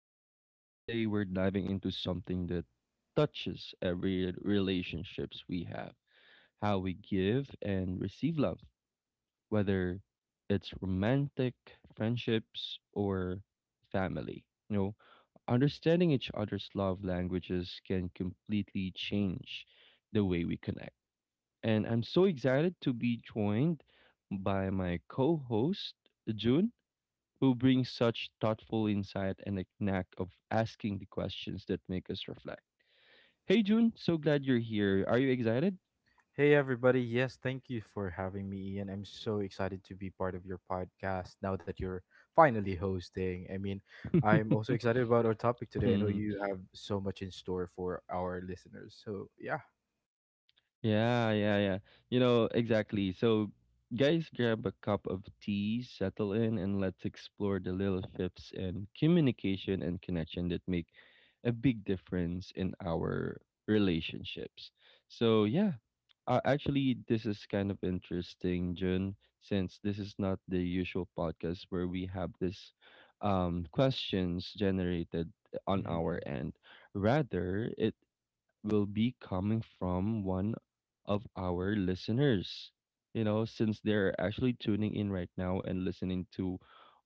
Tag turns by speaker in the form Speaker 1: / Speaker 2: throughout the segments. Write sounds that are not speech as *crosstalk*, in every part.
Speaker 1: Ian and today we're diving into something that touches every relationships we have, how we give and receive love, whether it's romantic, friendships or family. You know, understanding each other's love languages can completely change the way we connect. And I'm so excited to be joined by my co-host June, who brings such thoughtful insight and a knack of asking the questions that make us reflect. Hey June, so glad you're here. Are you excited?
Speaker 2: Hey everybody, yes, thank you for having me, Ian. I'm so excited to be part of your podcast now that you're finally hosting. I mean, I'm also excited about our topic today. I know
Speaker 1: *laughs*
Speaker 2: you have so much in store for our listeners. So yeah.
Speaker 1: Yeah, yeah, yeah. You know, exactly. So, guys, grab a cup of tea, settle in, and let's explore the little shifts in communication and connection that make a big difference in our relationships. So, yeah, actually, this is kind of interesting, Jun, since this is not the usual podcast where we have this questions generated on our
Speaker 2: Hmm.
Speaker 1: end. Rather, it will be coming from one of our listeners. You know, since they're actually tuning in right now and listening to,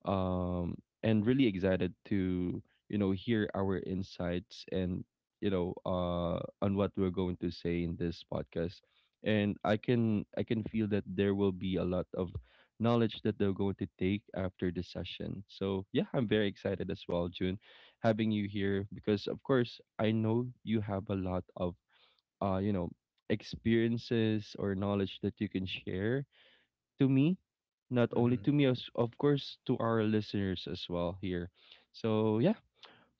Speaker 1: um, and really excited to, hear our insights and on what we're going to say in this podcast. And I can feel that there will be a lot of knowledge that they're going to take after the session. So yeah, I'm very excited as well, June, having you here, because of course I know you have a lot of uh you know experiences or knowledge that you can share to me, not only
Speaker 2: Hmm.
Speaker 1: to me, as of course to our listeners as well here. So yeah.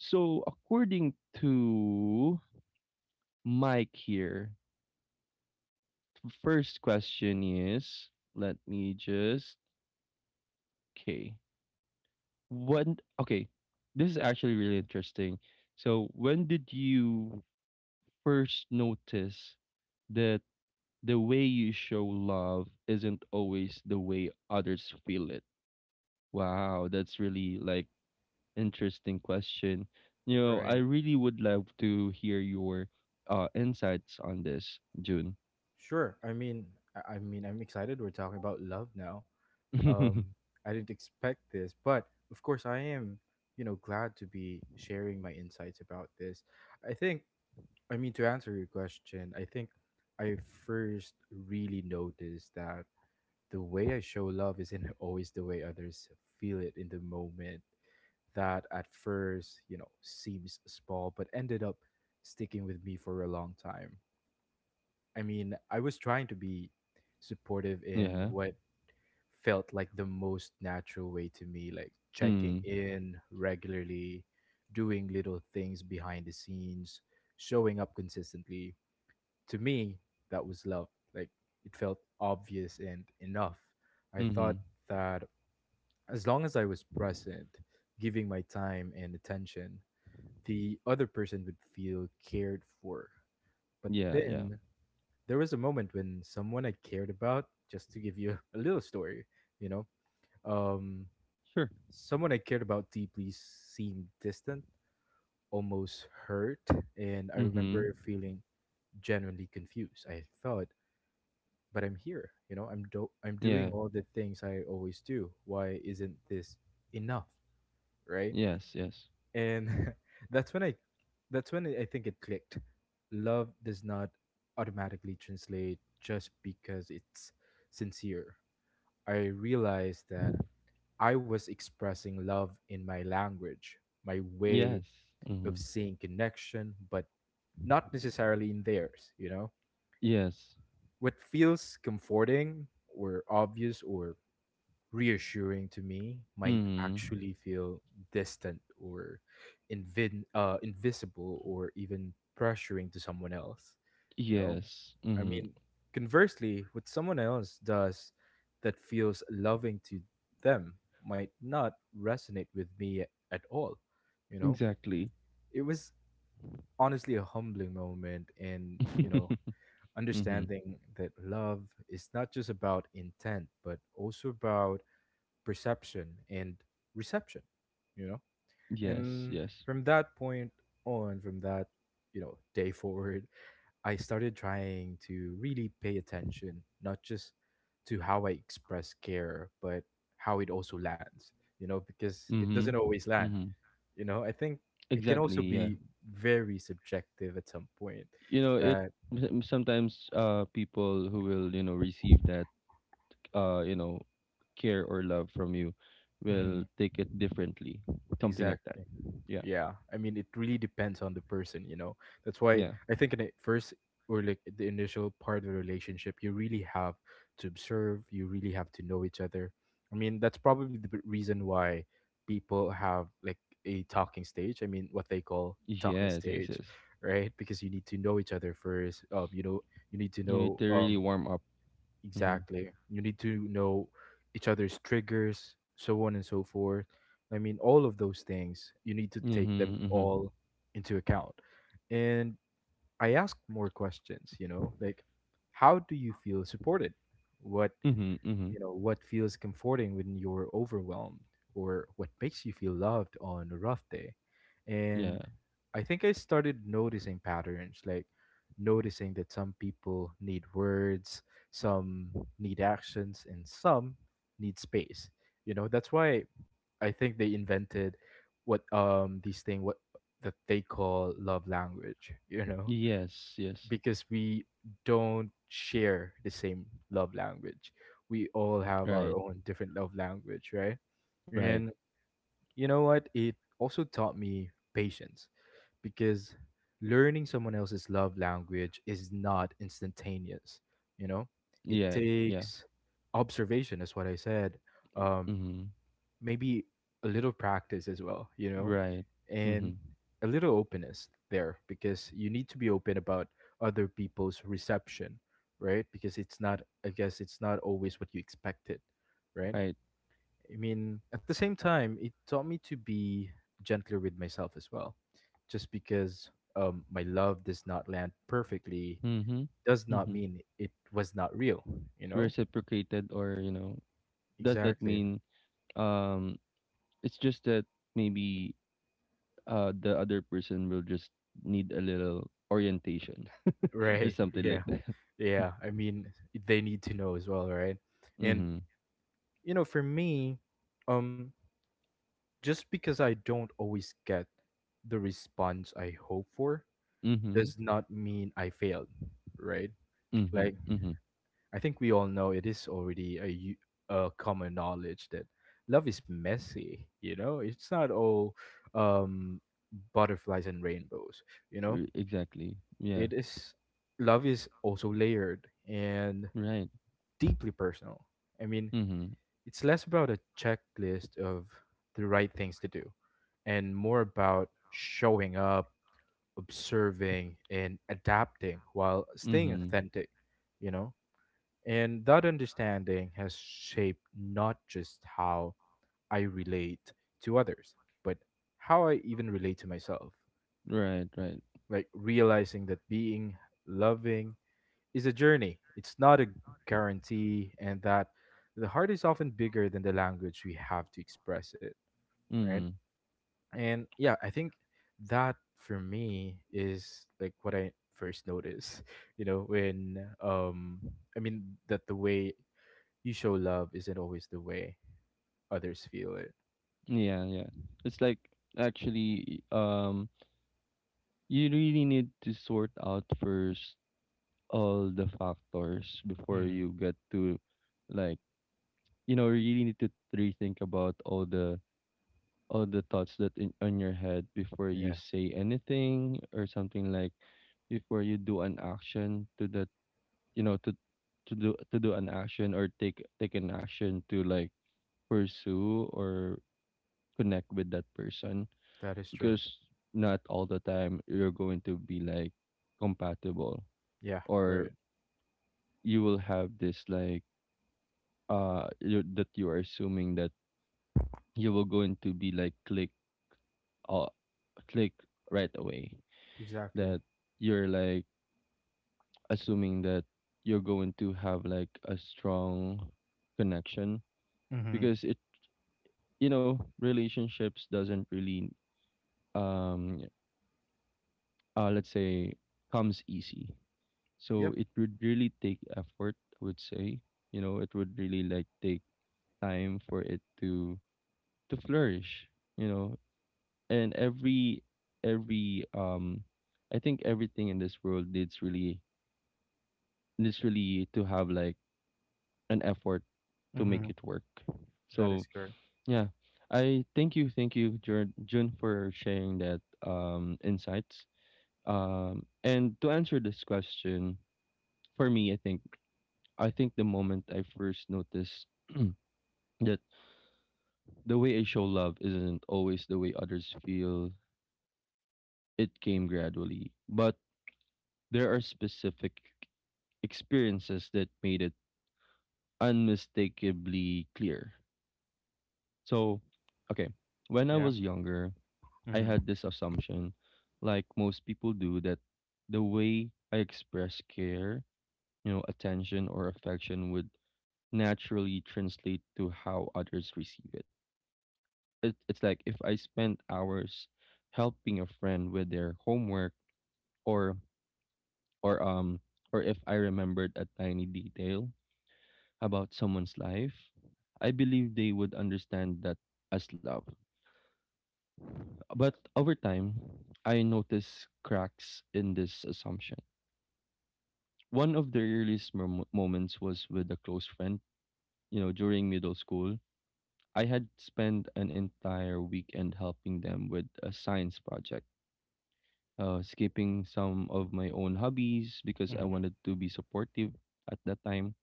Speaker 1: So according to Mike here, the first question is, let me just, okay. When, okay, this is actually really interesting. So when did you first notice that the way you show love isn't always the way others feel it? Wow, that's really like interesting question. You know, I
Speaker 2: Right.
Speaker 1: really would love to hear your insights on this, June.
Speaker 2: Sure. I mean, I'm excited. We're talking about love now.
Speaker 1: *laughs* Yeah.
Speaker 2: Um, I didn't expect this, but of course, I am. You know, glad to be sharing my insights about this. I think I mean, to answer your question, I think I first really noticed that the way I show love isn't *laughs* always the way others feel it in the moment. That at first, seems small, but ended up sticking with me for a long time. I mean, I was trying to be supportive in what felt like the most natural way to me, like checking
Speaker 1: Mm.
Speaker 2: in regularly, doing little things behind the scenes, showing up consistently to me, that was love. Like it felt obvious and enough. I thought
Speaker 1: Mm-hmm.
Speaker 2: that as long as I was present, giving my time and attention, the other person would feel cared for. But
Speaker 1: Yeah, yeah.
Speaker 2: then there was a moment when someone I cared about, just to give you *laughs* a little story, you know, um,
Speaker 1: Sure.
Speaker 2: someone I cared about deeply seemed distant, almost hurt, and I
Speaker 1: Mm-hmm.
Speaker 2: remember feeling genuinely confused. I thought, but I'm here. You know, I'm doing
Speaker 1: Yeah.
Speaker 2: all the things I always do. Why isn't this enough, right?
Speaker 1: Yes, yes.
Speaker 2: And *laughs* that's when I that's when I think it clicked. Love does not automatically translate just because it's sincere. I realized that I was expressing love in my language, my way
Speaker 1: Yes.
Speaker 2: of
Speaker 1: Mm-hmm.
Speaker 2: seeing connection, but not necessarily in theirs, you know?
Speaker 1: Yes.
Speaker 2: What feels comforting or obvious or reassuring to me might
Speaker 1: Mm-hmm.
Speaker 2: actually feel distant or invisible or even pressuring to someone else, you know?
Speaker 1: Yes.
Speaker 2: I
Speaker 1: Mm-hmm.
Speaker 2: mean, conversely, what someone else does that feels loving to them might not resonate with me at all, you know.
Speaker 1: Exactly.
Speaker 2: It was honestly a humbling moment, and
Speaker 1: *laughs*
Speaker 2: you
Speaker 1: Mm-hmm.
Speaker 2: know understanding that love is not just about intent but also about perception and reception, you know.
Speaker 1: Yes,
Speaker 2: And
Speaker 1: yes.
Speaker 2: from that point on, from that day forward, I started trying to really pay attention, not just to how I express care but how it also lands, you know, because it
Speaker 1: Mm-hmm.
Speaker 2: doesn't always land.
Speaker 1: Mm-hmm.
Speaker 2: You know, I think it can
Speaker 1: Exactly.
Speaker 2: also
Speaker 1: Yeah.
Speaker 2: be very subjective at some point.
Speaker 1: You know,
Speaker 2: That
Speaker 1: sometimes people who will, you know, receive that uh, you know, care or love from you will take it differently. Something like that.
Speaker 2: Exactly.
Speaker 1: Yeah.
Speaker 2: Yeah. I mean, it really depends on the person, you know. That's why
Speaker 1: Yeah.
Speaker 2: I think in the first, or like the initial part of the relationship, you really have to observe, you really have to know each other. I mean, that's probably the reason why people have like a talking stage. I mean, what they call talking
Speaker 1: Yes, yes,
Speaker 2: stage,
Speaker 1: yes.
Speaker 2: right? Because you need to know each other first. You know, you need to
Speaker 1: You need
Speaker 2: know,
Speaker 1: to really warm up. Mm-hmm.
Speaker 2: Exactly. You need to know each other's triggers, so on and so forth. I mean, all of those things, you need to take them
Speaker 1: Mm-hmm. Mm-hmm.
Speaker 2: all into account. And I ask more questions, you know, like how do you feel supported? What
Speaker 1: Mm-hmm. Mm-hmm.
Speaker 2: what feels comforting when you're overwhelmed, or what makes you feel loved on a rough day.
Speaker 1: Yeah.
Speaker 2: And I think I started noticing patterns, like noticing that some people need words, some need actions, and some need space. You know, that's why I think they invented what these thing what that they call love language, *laughs* you know?
Speaker 1: Yes, yes.
Speaker 2: Because we don't share the same love language. We all have our
Speaker 1: Right.
Speaker 2: own different love language, right?
Speaker 1: Right.
Speaker 2: And you know what? It also taught me patience because learning someone else's love language is not instantaneous, you know? It
Speaker 1: Yeah. Yeah.
Speaker 2: takes observation, is what I said. Um,
Speaker 1: Mm-hmm.
Speaker 2: maybe a little practice as well, you know?
Speaker 1: Right. Mm-hmm.
Speaker 2: And a little openness there, because you need to be open about other people's reception, right? Because it's not, I guess, it's not always what you expected, right?
Speaker 1: Right.
Speaker 2: I mean, at the same time, it taught me to be gentler with myself as well. Just because my love does not land perfectly
Speaker 1: Mm-hmm.
Speaker 2: does not
Speaker 1: Mm-hmm.
Speaker 2: mean it was not real, you know?
Speaker 1: Reciprocated, or, does that
Speaker 2: Exactly.
Speaker 1: mean um it's just that maybe the other person will just need a little orientation *laughs* or
Speaker 2: Right. *laughs*
Speaker 1: something like
Speaker 2: Yeah.
Speaker 1: that.
Speaker 2: Yeah.
Speaker 1: *laughs*
Speaker 2: I mean, they need to know as well, right? And
Speaker 1: Mm-hmm.
Speaker 2: you know, for me, um just because I don't always get the response I hope for
Speaker 1: Mm-hmm.
Speaker 2: does not mean I failed, right?
Speaker 1: Mm-hmm.
Speaker 2: Like
Speaker 1: Mm-hmm.
Speaker 2: I think we all know it is already, a common knowledge that love is messy, you know, it's not all um butterflies and rainbows, you know.
Speaker 1: Exactly. Yeah.
Speaker 2: It is Love is also layered and
Speaker 1: Right.
Speaker 2: deeply personal, I mean.
Speaker 1: Mm-hmm.
Speaker 2: It's less about a checklist of the right things to do and more about showing up, observing, and adapting while staying
Speaker 1: Mm-hmm.
Speaker 2: authentic, you know? And that understanding has shaped not just how I relate to others, but how I even relate to myself.
Speaker 1: Right, right.
Speaker 2: Like realizing that being loving is a journey, it's not a guarantee, and that the heart is often bigger than the language we have to express it, right?
Speaker 1: Mm-hmm.
Speaker 2: And yeah, I think that for me is like what I first notice, *laughs* you know, when um I mean, that the way you show love isn't always the way others feel it.
Speaker 1: Yeah, yeah. It's like, actually, you really need to sort out first all the factors before
Speaker 2: Mm.
Speaker 1: you get to, like, really need to rethink about all the thoughts that in on your head before you
Speaker 2: Yeah,
Speaker 1: say anything, or something like before you do an action to that, you know, to to do an action, or take an action to like pursue or connect with that person,
Speaker 2: that is true.
Speaker 1: because not all the time you're going to be like compatible,
Speaker 2: Yeah,
Speaker 1: or
Speaker 2: right.
Speaker 1: you will have this like you that you are assuming that you will going to be like click, uh, click right away,
Speaker 2: Exactly.
Speaker 1: that you're like assuming that you're going to have like a strong connection,
Speaker 2: Mm-hmm.
Speaker 1: because it you know relationships doesn't really, um let's say, comes easy, so
Speaker 2: Yep.
Speaker 1: it would really take effort, I would say, it would really like take time for it to flourish, you know. And every I think everything in this world needs really literally to have like an effort to make
Speaker 2: Mm-hmm.
Speaker 1: it work.
Speaker 2: That
Speaker 1: So
Speaker 2: is correct.
Speaker 1: yeah, I thank you, Jun, Jun, for sharing that insights. And to answer this question, for me, I think the moment I first noticed *clears throat* that the way I show love isn't always the way others feel, it came gradually. But there are specific experiences that made it unmistakably clear. So, okay, when I
Speaker 2: Yeah.
Speaker 1: was younger, I
Speaker 2: Mm-hmm.
Speaker 1: had this assumption, like most people do, that the way I express care, attention or affection would naturally translate to how others receive it. It's like if I spent hours helping a friend with their homework, or or um or if I remembered a tiny detail about someone's life, I believe they would understand that as love. But over time, I noticed cracks in this assumption. One of the earliest moments was with a close friend. You know, during middle school, I had spent an entire weekend helping them with a science project, skipping some of my own hobbies because I
Speaker 2: Mm-hmm.
Speaker 1: wanted to be supportive at that time.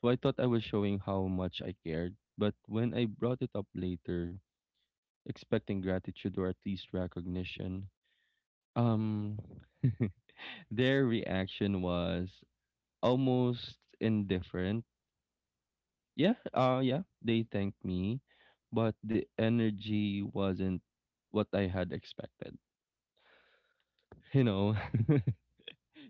Speaker 1: So I thought I was showing how much I cared. But when I brought it up later, expecting gratitude or at least recognition, um, *laughs* their reaction was almost indifferent. Yeah, they thanked me, but the energy wasn't what I had expected. You know, *laughs*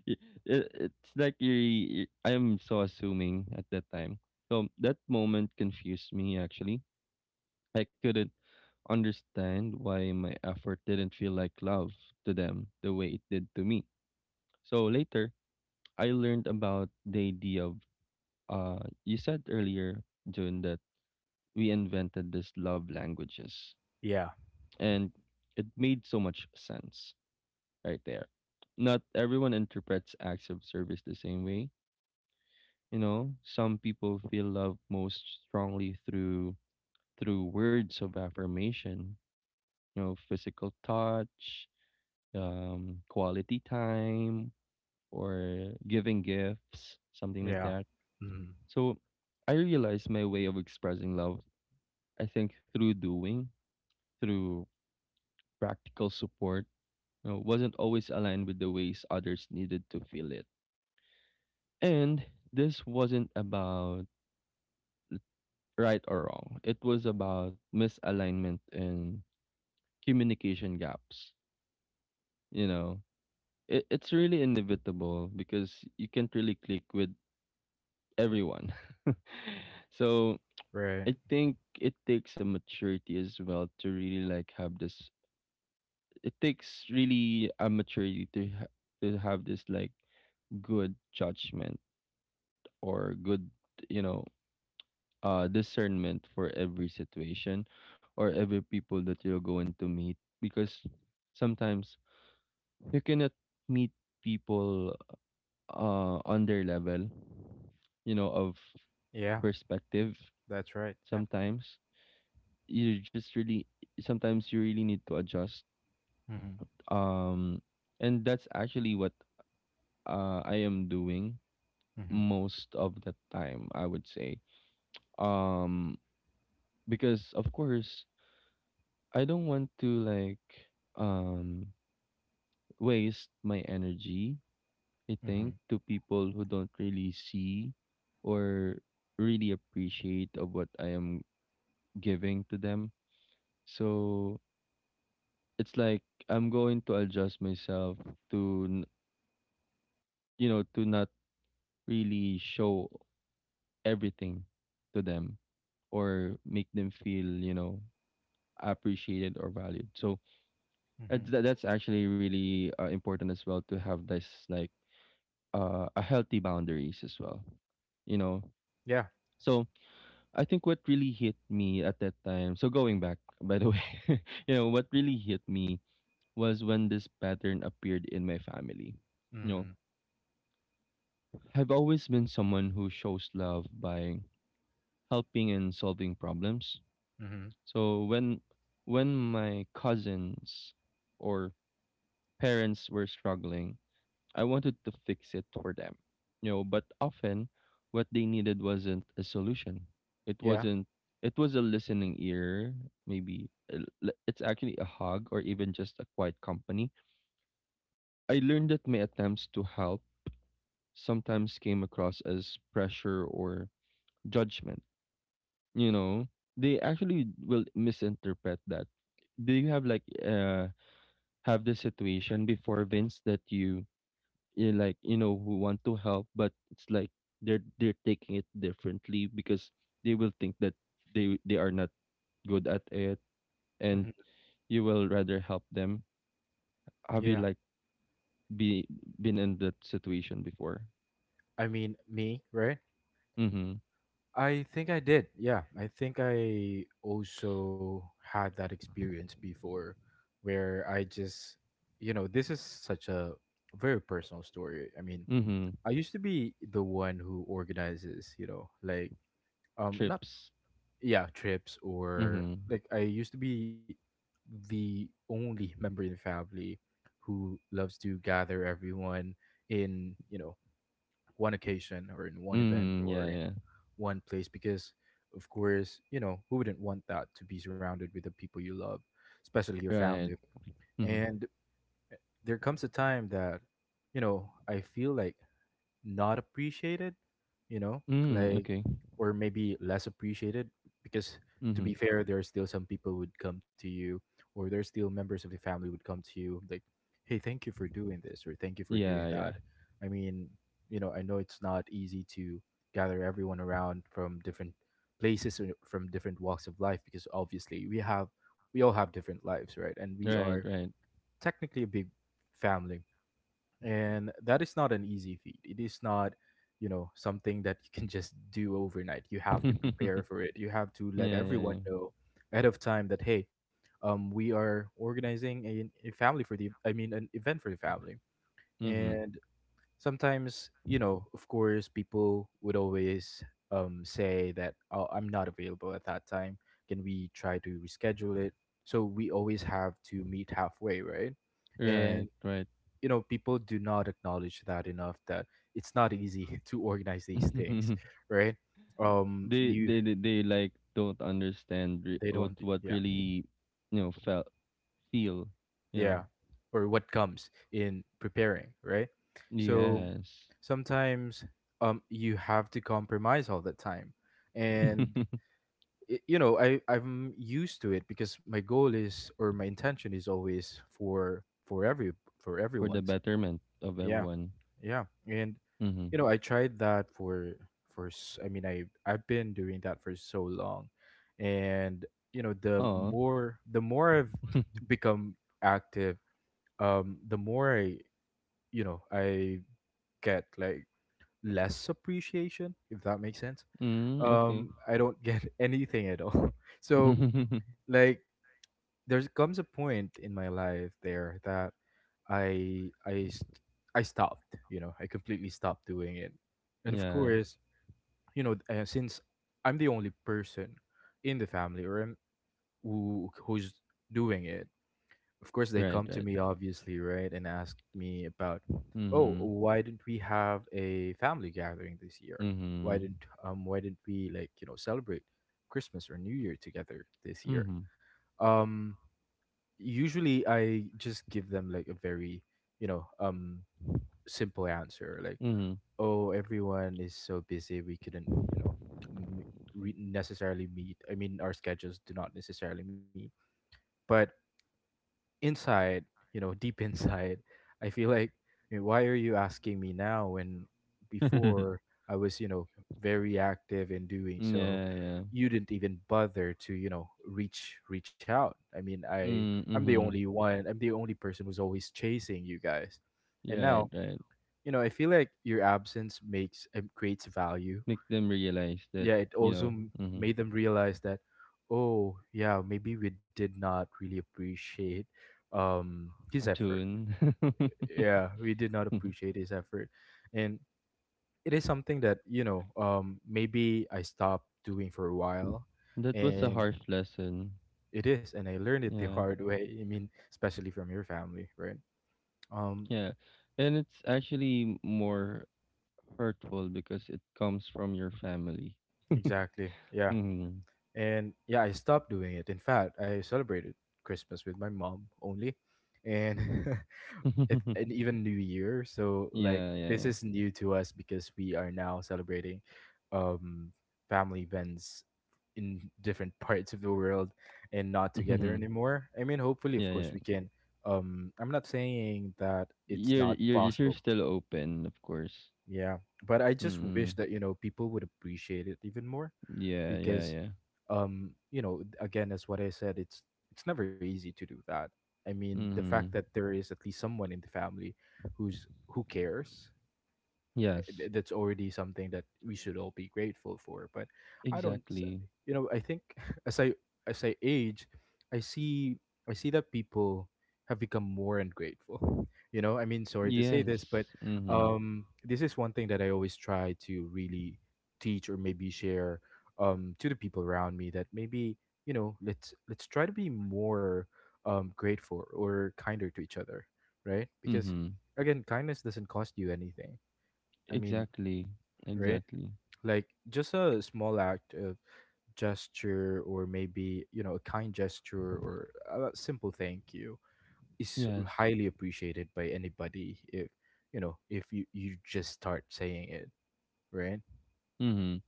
Speaker 1: Y- it's like you I'm so assuming at that time. So that moment confused me, actually. I couldn't understand why my effort didn't feel like love to them the way it did to me. So later, I learned about the idea of, uh, you said earlier, June, that we invented this love languages,
Speaker 2: Yeah.
Speaker 1: and it made so much sense right there. Not everyone interprets acts of service the same way. You know, some people feel love most strongly through words of affirmation. You know, physical touch, quality time, or giving gifts, something like
Speaker 2: Yeah.
Speaker 1: that.
Speaker 2: Mm-hmm.
Speaker 1: So, I realized my way of expressing love, I think, through practical support, wasn't always aligned with the ways others needed to feel it. And this wasn't about right or wrong, it was about misalignment and communication gaps. You know, it's really inevitable because you can't really click with everyone. *laughs* So
Speaker 2: Right.
Speaker 1: I think it takes a maturity as well to really like have this. It takes really a maturity to have this like good judgment, or good, you know, discernment for every situation or every people that you're going to meet, because sometimes you cannot meet people, on their level, of
Speaker 2: Yeah,
Speaker 1: perspective
Speaker 2: that's right. Yeah.
Speaker 1: sometimes. You just really, sometimes you really need to adjust.
Speaker 2: Mm-hmm.
Speaker 1: Um, and that's actually what, I am doing
Speaker 2: Mm-hmm.
Speaker 1: most of the time, I would say. Um, because, of course, I don't want to like um waste my energy, I think,
Speaker 2: Mm-hmm.
Speaker 1: to people who don't really see or really appreciate of what I am giving to them. So it's like I'm going to adjust myself to n- you know to not really show everything to them, or make them feel, appreciated or valued. So,
Speaker 2: Mm-hmm.
Speaker 1: that's actually really important as well, to have this like, a healthy boundaries as well, you know
Speaker 2: Yeah.
Speaker 1: so I think what really hit me at that time, so going back *laughs* by the way, *laughs* you know what really hit me was when this pattern appeared in my family. You know,
Speaker 2: Mhm.
Speaker 1: I've always been someone who shows love by helping and solving problems.
Speaker 2: Mhm.
Speaker 1: So when my cousins or parents were struggling, I wanted to fix it for them. You know, but often what they needed wasn't a solution. It
Speaker 2: Yeah.
Speaker 1: wasn't it was a listening ear, maybe it's actually a hug, or even just a quiet company. I learned that my attempts to help sometimes came across as pressure or judgment, you know. They actually will misinterpret that. Do you have this situation before, Vince, that you like, who want to help, but it's like they're taking it differently, because they will think that they are not good at it,
Speaker 2: Mhm.
Speaker 1: and you will rather help them, have you
Speaker 2: Yeah.
Speaker 1: like be been in that situation before?
Speaker 2: I mean, me, right?
Speaker 1: Mhm.
Speaker 2: I think I did. Yeah. I think I also had that experience before, where I just, you know, this is such a very personal story. I mean,
Speaker 1: Mhm.
Speaker 2: I used to be the one who organizes, you know, like not,
Speaker 1: Trips.
Speaker 2: yeah, trips, or
Speaker 1: Mhm.
Speaker 2: like I used to be the only member in the family who loves to gather everyone in, you know, one occasion or in one event
Speaker 1: Mhm. Yeah,
Speaker 2: or in
Speaker 1: yeah.
Speaker 2: one place, because of course, you know, who wouldn't want that, to be surrounded with the people you love, especially your
Speaker 1: Right.
Speaker 2: family.
Speaker 1: Mhm.
Speaker 2: And there comes a time that, you know, I feel like not appreciated, you know,
Speaker 1: Mm,
Speaker 2: like,
Speaker 1: okay.
Speaker 2: or maybe less appreciated, because to
Speaker 1: Mhm.
Speaker 2: be fair, there are still some people would come to you, or there's still members of the family would come to you like, hey, thank you for doing this or thank you for
Speaker 1: Yeah,
Speaker 2: doing
Speaker 1: yeah.
Speaker 2: that. I mean, you know, I know it's not easy to gather everyone around from different places or from different walks of life, because obviously we all have different lives, right? And we are
Speaker 1: Right, right.
Speaker 2: technically a big family, and that is not an easy feat. It is not, you know, something that you can just do overnight. You have to
Speaker 1: *laughs*
Speaker 2: prepare for it. You have to let
Speaker 1: Yeah, yeah, yeah.
Speaker 2: everyone know ahead of time that, hey, we are organizing a family for the I mean, an event for the family.
Speaker 1: Mhm.
Speaker 2: And sometimes, you know, of course people would always say that, oh, I'm not available at that time, can we try to reschedule it? So we always have to meet halfway, right?
Speaker 1: Right,
Speaker 2: And
Speaker 1: right.
Speaker 2: you know, people do not acknowledge that enough, that it's not easy *laughs* to organize these things,
Speaker 1: *laughs*
Speaker 2: right?
Speaker 1: they
Speaker 2: You
Speaker 1: they they, they like don't understand, re-
Speaker 2: They
Speaker 1: what
Speaker 2: don't.
Speaker 1: what
Speaker 2: Yeah.
Speaker 1: really felt feel, you
Speaker 2: Yeah.
Speaker 1: know
Speaker 2: Or what comes in preparing, right? So
Speaker 1: yes.
Speaker 2: sometimes you have to compromise all the time. And
Speaker 1: *laughs*
Speaker 2: it, you know, I'm used to it, because my goal is, or my intention is, always for
Speaker 1: For the
Speaker 2: everyone's.
Speaker 1: betterment of everyone.
Speaker 2: Yeah, and
Speaker 1: Mm-hmm.
Speaker 2: you know, I tried that for I mean, I've been doing that for so long, and you know, the
Speaker 1: Oh.
Speaker 2: more I've
Speaker 1: *laughs*
Speaker 2: *laughs* become active, the more I you know I get like less appreciation, if that makes sense.
Speaker 1: Mm, okay.
Speaker 2: I don't get *laughs* anything at all. *laughs* So
Speaker 1: *laughs*
Speaker 2: like there comes a point in my life there that I I st- I stopped. You know, I completely stopped doing it. And of
Speaker 1: Yeah.
Speaker 2: course, you know, since I'm the only person in the family, or I'm, who who's doing it, of course they
Speaker 1: Right,
Speaker 2: come to
Speaker 1: right.
Speaker 2: me obviously, right, and ask me about, oh,
Speaker 1: Mm-hmm.
Speaker 2: why didn't we have a family gathering this year?
Speaker 1: Mm-hmm.
Speaker 2: Why didn't we celebrate Christmas or New Year together this year?
Speaker 1: Mm-hmm.
Speaker 2: Um, usually I just give them like a very, you know, um simple answer like,
Speaker 1: Mm-hmm.
Speaker 2: "Oh, everyone is so busy we couldn't, you know, m- necessarily meet. I mean, our schedules do not necessarily meet." But inside, you know, deep *laughs* inside, I feel like, you why are you asking me now, when
Speaker 1: *laughs*
Speaker 2: before I was, you know, very active in doing so?
Speaker 1: Yeah, yeah.
Speaker 2: You didn't even bother to, you know, reach out. I mean, I
Speaker 1: Mm,
Speaker 2: I'm the
Speaker 1: mm-hmm.
Speaker 2: only one. I'm the only person who's always chasing you guys, and
Speaker 1: Right,
Speaker 2: now
Speaker 1: right.
Speaker 2: you know I feel like your absence makes creates value.
Speaker 1: Make them realize that,
Speaker 2: Yeah, it also
Speaker 1: mm-hmm,
Speaker 2: made them realize that, oh yeah, maybe we did not really appreciate his effort.
Speaker 1: June.
Speaker 2: Yeah, we did not
Speaker 1: *laughs*
Speaker 2: appreciate his effort. And it is something that maybe I stopped doing for a while.
Speaker 1: That was a
Speaker 2: And
Speaker 1: harsh lesson.
Speaker 2: it is, and I learned it the
Speaker 1: Yeah,
Speaker 2: hard way. I mean, especially from your family, right? um
Speaker 1: yeah. And it's actually more hurtful because it comes from your family.
Speaker 2: exactly, yeah.
Speaker 1: Hmm.
Speaker 2: And yeah, I stopped doing it. In fact, I celebrated Christmas with my mom only. And *laughs* if and
Speaker 1: *laughs*
Speaker 2: even New Year. So like
Speaker 1: Yeah, yeah,
Speaker 2: this
Speaker 1: yeah.
Speaker 2: is new to us because we are now celebrating um family events in different parts of the world and not together
Speaker 1: Hmm.
Speaker 2: anymore. I mean, hopefully, of
Speaker 1: Yeah, yeah.
Speaker 2: course, we can. I'm not saying that it's
Speaker 1: You're
Speaker 2: not
Speaker 1: you're just you're
Speaker 2: possible.
Speaker 1: still open, of course.
Speaker 2: Yeah, but I just
Speaker 1: Mm-hmm.
Speaker 2: wish that you know people would appreciate it even more,
Speaker 1: Yeah, yeah,
Speaker 2: because,
Speaker 1: yeah.
Speaker 2: you know, again, as what I said, it's never easy to do that. I mean, the fact
Speaker 1: Mm-hmm.
Speaker 2: that there is at least someone in the family who cares,
Speaker 1: Yes,
Speaker 2: that's already something that we should all be grateful for. But I don't,
Speaker 1: exactly.
Speaker 2: you know, I think *laughs* as i as I age, i see I see that people have become more ungrateful. *laughs* You know, I mean, sorry to say this, but
Speaker 1: Yes. Mm-hmm.
Speaker 2: this is one thing that I always try to really teach or maybe share to the people around me, that maybe you know let's try to be more grateful or kinder to each other, right? Because
Speaker 1: Mm-hmm.
Speaker 2: again, kindness doesn't cost you anything. I mean,
Speaker 1: Exactly.
Speaker 2: right?
Speaker 1: Exactly.
Speaker 2: Like just a small act of gesture, or maybe, you know, a kind gesture or a simple thank you is
Speaker 1: Yes.
Speaker 2: highly appreciated by anybody if, you know, if you just start saying it, right?
Speaker 1: Mm-hmm.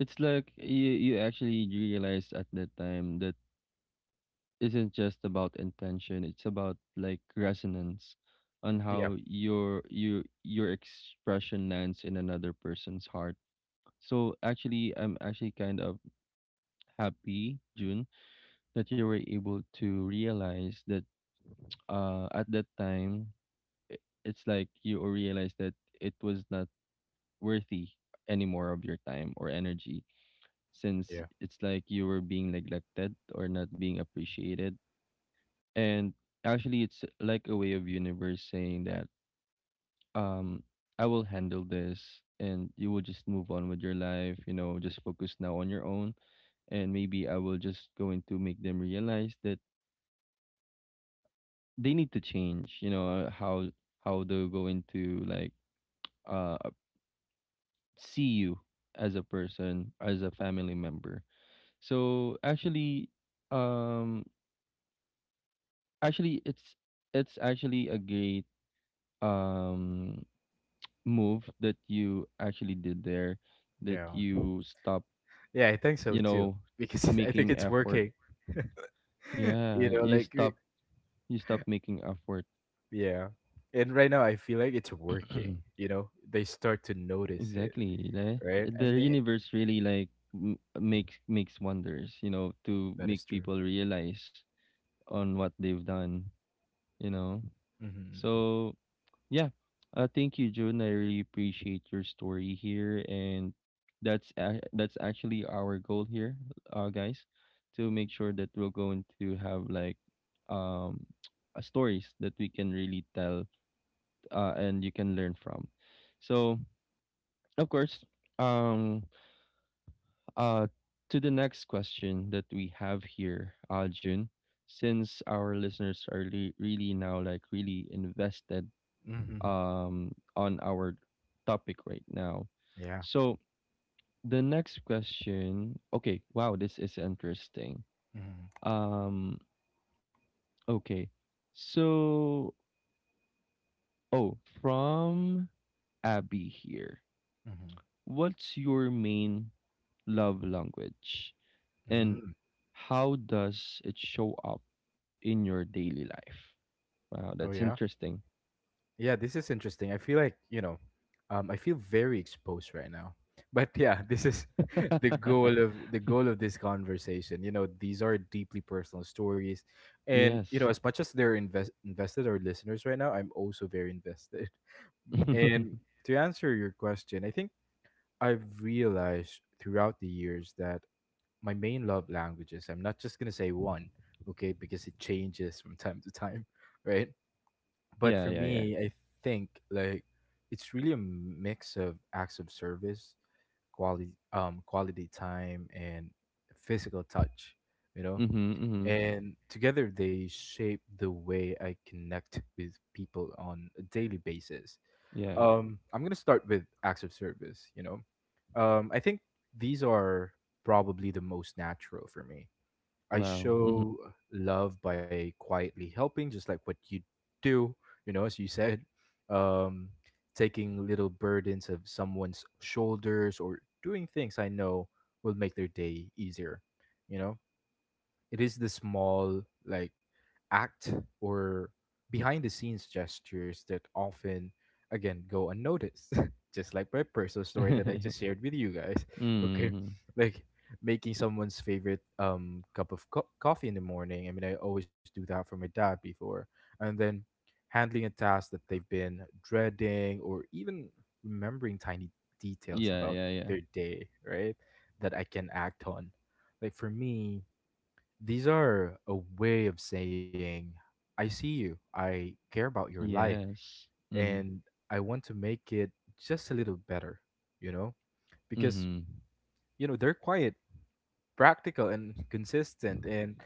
Speaker 1: It's like you actually realize at that time that isn't just about intention, it's about, like, resonance on
Speaker 2: Yeah,
Speaker 1: how your expression lands in another person's heart. So actually, I'm actually kind of happy, June, that you were able to realize that at that time. It's like you realized that it was not worthy anymore of your time or energy, since
Speaker 2: yeah,
Speaker 1: it's like you were being neglected or not being appreciated. And actually, it's like a way of universe saying that um I will handle this, and you will just move on with your life, you know, just focus now on your own. And maybe I will just going to make them realize that they need to change, how they're going to, like, uh see you as a person, as a family member. So actually, um actually, it's actually a great, um move that you actually did there, that
Speaker 2: yeah.
Speaker 1: you stop
Speaker 2: Yeah, I think so
Speaker 1: you
Speaker 2: too,
Speaker 1: know
Speaker 2: because *laughs* I think
Speaker 1: making
Speaker 2: it's
Speaker 1: effort.
Speaker 2: working. *laughs*
Speaker 1: Yeah,
Speaker 2: You know,
Speaker 1: you
Speaker 2: like, we-
Speaker 1: stop making effort.
Speaker 2: yeah. And right now, I feel like it's working.
Speaker 1: *clears throat*
Speaker 2: You know, they start to notice it,
Speaker 1: Exactly, the,
Speaker 2: right? I
Speaker 1: the
Speaker 2: mean, they,
Speaker 1: universe really, like, makes wonders, you know, to
Speaker 2: that
Speaker 1: make
Speaker 2: is true.
Speaker 1: people realize on what they've done you know
Speaker 2: Mm-hmm.
Speaker 1: so yeah. Thank you, June. I really appreciate your story here, and that's actually our goal here, guys, to make sure that we're going to have, like um *tsk* stories that we can really tell, and you can learn from. So, of course, um, uh, to the next question that we have here, June, since our listeners are really, really now, like, really invested,
Speaker 2: Mm-hmm.
Speaker 1: on our topic right now. So the next question. Okay, wow, this is interesting.
Speaker 2: Mm-hmm.
Speaker 1: Um, okay, so, oh, from Abby here.
Speaker 2: Mm-hmm.
Speaker 1: What's your main love language, and
Speaker 2: Mm.
Speaker 1: how does it show up in your daily life?
Speaker 2: Oh
Speaker 1: Wow,
Speaker 2: yeah.
Speaker 1: that's interesting.
Speaker 2: Yeah, this is interesting. I feel like, you know, I feel very exposed right now. *laughs* But yeah, this is *laughs* the goal
Speaker 1: *laughs*
Speaker 2: of this conversation. You know, these are deeply personal stories. And, you know,
Speaker 1: Yes.
Speaker 2: as much as they're invested our listeners right now, I'm also very invested.
Speaker 1: *laughs*
Speaker 2: *laughs* And
Speaker 1: Yeah,
Speaker 2: to answer your question, I think I've realized throughout the years that my main love languages. I'm not just gonna say one, okay, because it changes from time to time, *laughs* right? But
Speaker 1: yeah,
Speaker 2: for
Speaker 1: yeah.
Speaker 2: me, I think like it's really a mix of acts of service, quality time, and physical touch, you know?
Speaker 1: Mm-hmm, mm-hmm.
Speaker 2: And together they shape the way I connect with people on a daily basis.
Speaker 1: Yeah.
Speaker 2: Um, I'm gonna start with acts of service, you know. I think these are probably the most natural for me. I
Speaker 1: Wow. Mm-hmm.
Speaker 2: show love by quietly helping, just like what you do, you know, as you said, um, taking little burdens of someone's shoulders or doing things I know will make their day easier, you know. It is the small, like, act or behind the scenes gestures that often, again, go unnoticed. *laughs* Just like my personal story that I just
Speaker 1: *laughs*
Speaker 2: shared with you guys. *laughs* Okay.
Speaker 1: Mm.
Speaker 2: Like, making someone's favorite cup of coffee in the morning. I mean, I always do that for my dad before. And then handling a task that they've been dreading, or even remembering tiny details
Speaker 1: Yeah,
Speaker 2: about
Speaker 1: yeah, yeah.
Speaker 2: their day, right? That I can act on. Like for me, these are a way of saying, I see you, I care about your life,
Speaker 1: Yes. Mm.
Speaker 2: and I want to make it just a little better, you know? Because,
Speaker 1: Mm.
Speaker 2: you know, they're quiet, practical, and consistent. And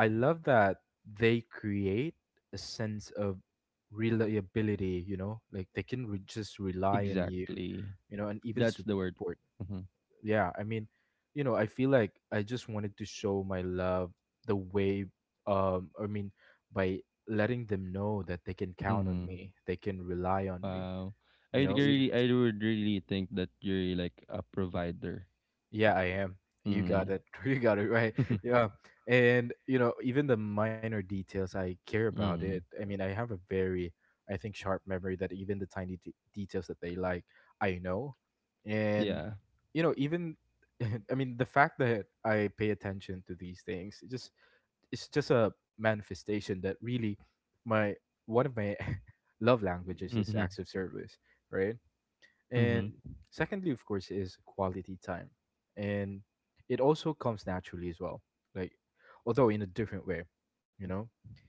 Speaker 2: I love that they create a sense of reliability, you know? Like they can just rely on you,
Speaker 1: Exactly.
Speaker 2: you know, and even
Speaker 1: That's the word.
Speaker 2: support.
Speaker 1: Mm.
Speaker 2: Yeah, I mean, you know, I feel like I just wanted to show my love the way I mean by letting them know that they can count on
Speaker 1: Mm.
Speaker 2: me, they can rely on me,
Speaker 1: Wow. I
Speaker 2: you know. You
Speaker 1: really, I would really think that you're like a provider.
Speaker 2: yeah, I am. You got
Speaker 1: Mm.
Speaker 2: it. *laughs* You got it right.
Speaker 1: *laughs*
Speaker 2: Yeah. And, you know, even the minor details, I care about it.
Speaker 1: Mm.
Speaker 2: I mean, I have a very, I think, sharp memory, that even the tiny details that they like, I know. And,
Speaker 1: Yeah.
Speaker 2: you know, even, *laughs* I mean, the fact that I pay attention to these things, it just, it's just a manifestation that really my, one of my *laughs* love languages is
Speaker 1: Mm-hmm.
Speaker 2: acts of service, right? And
Speaker 1: Mm-hmm.
Speaker 2: secondly, of course, is quality time. And it also comes naturally as well. Like, although in a different way, you know,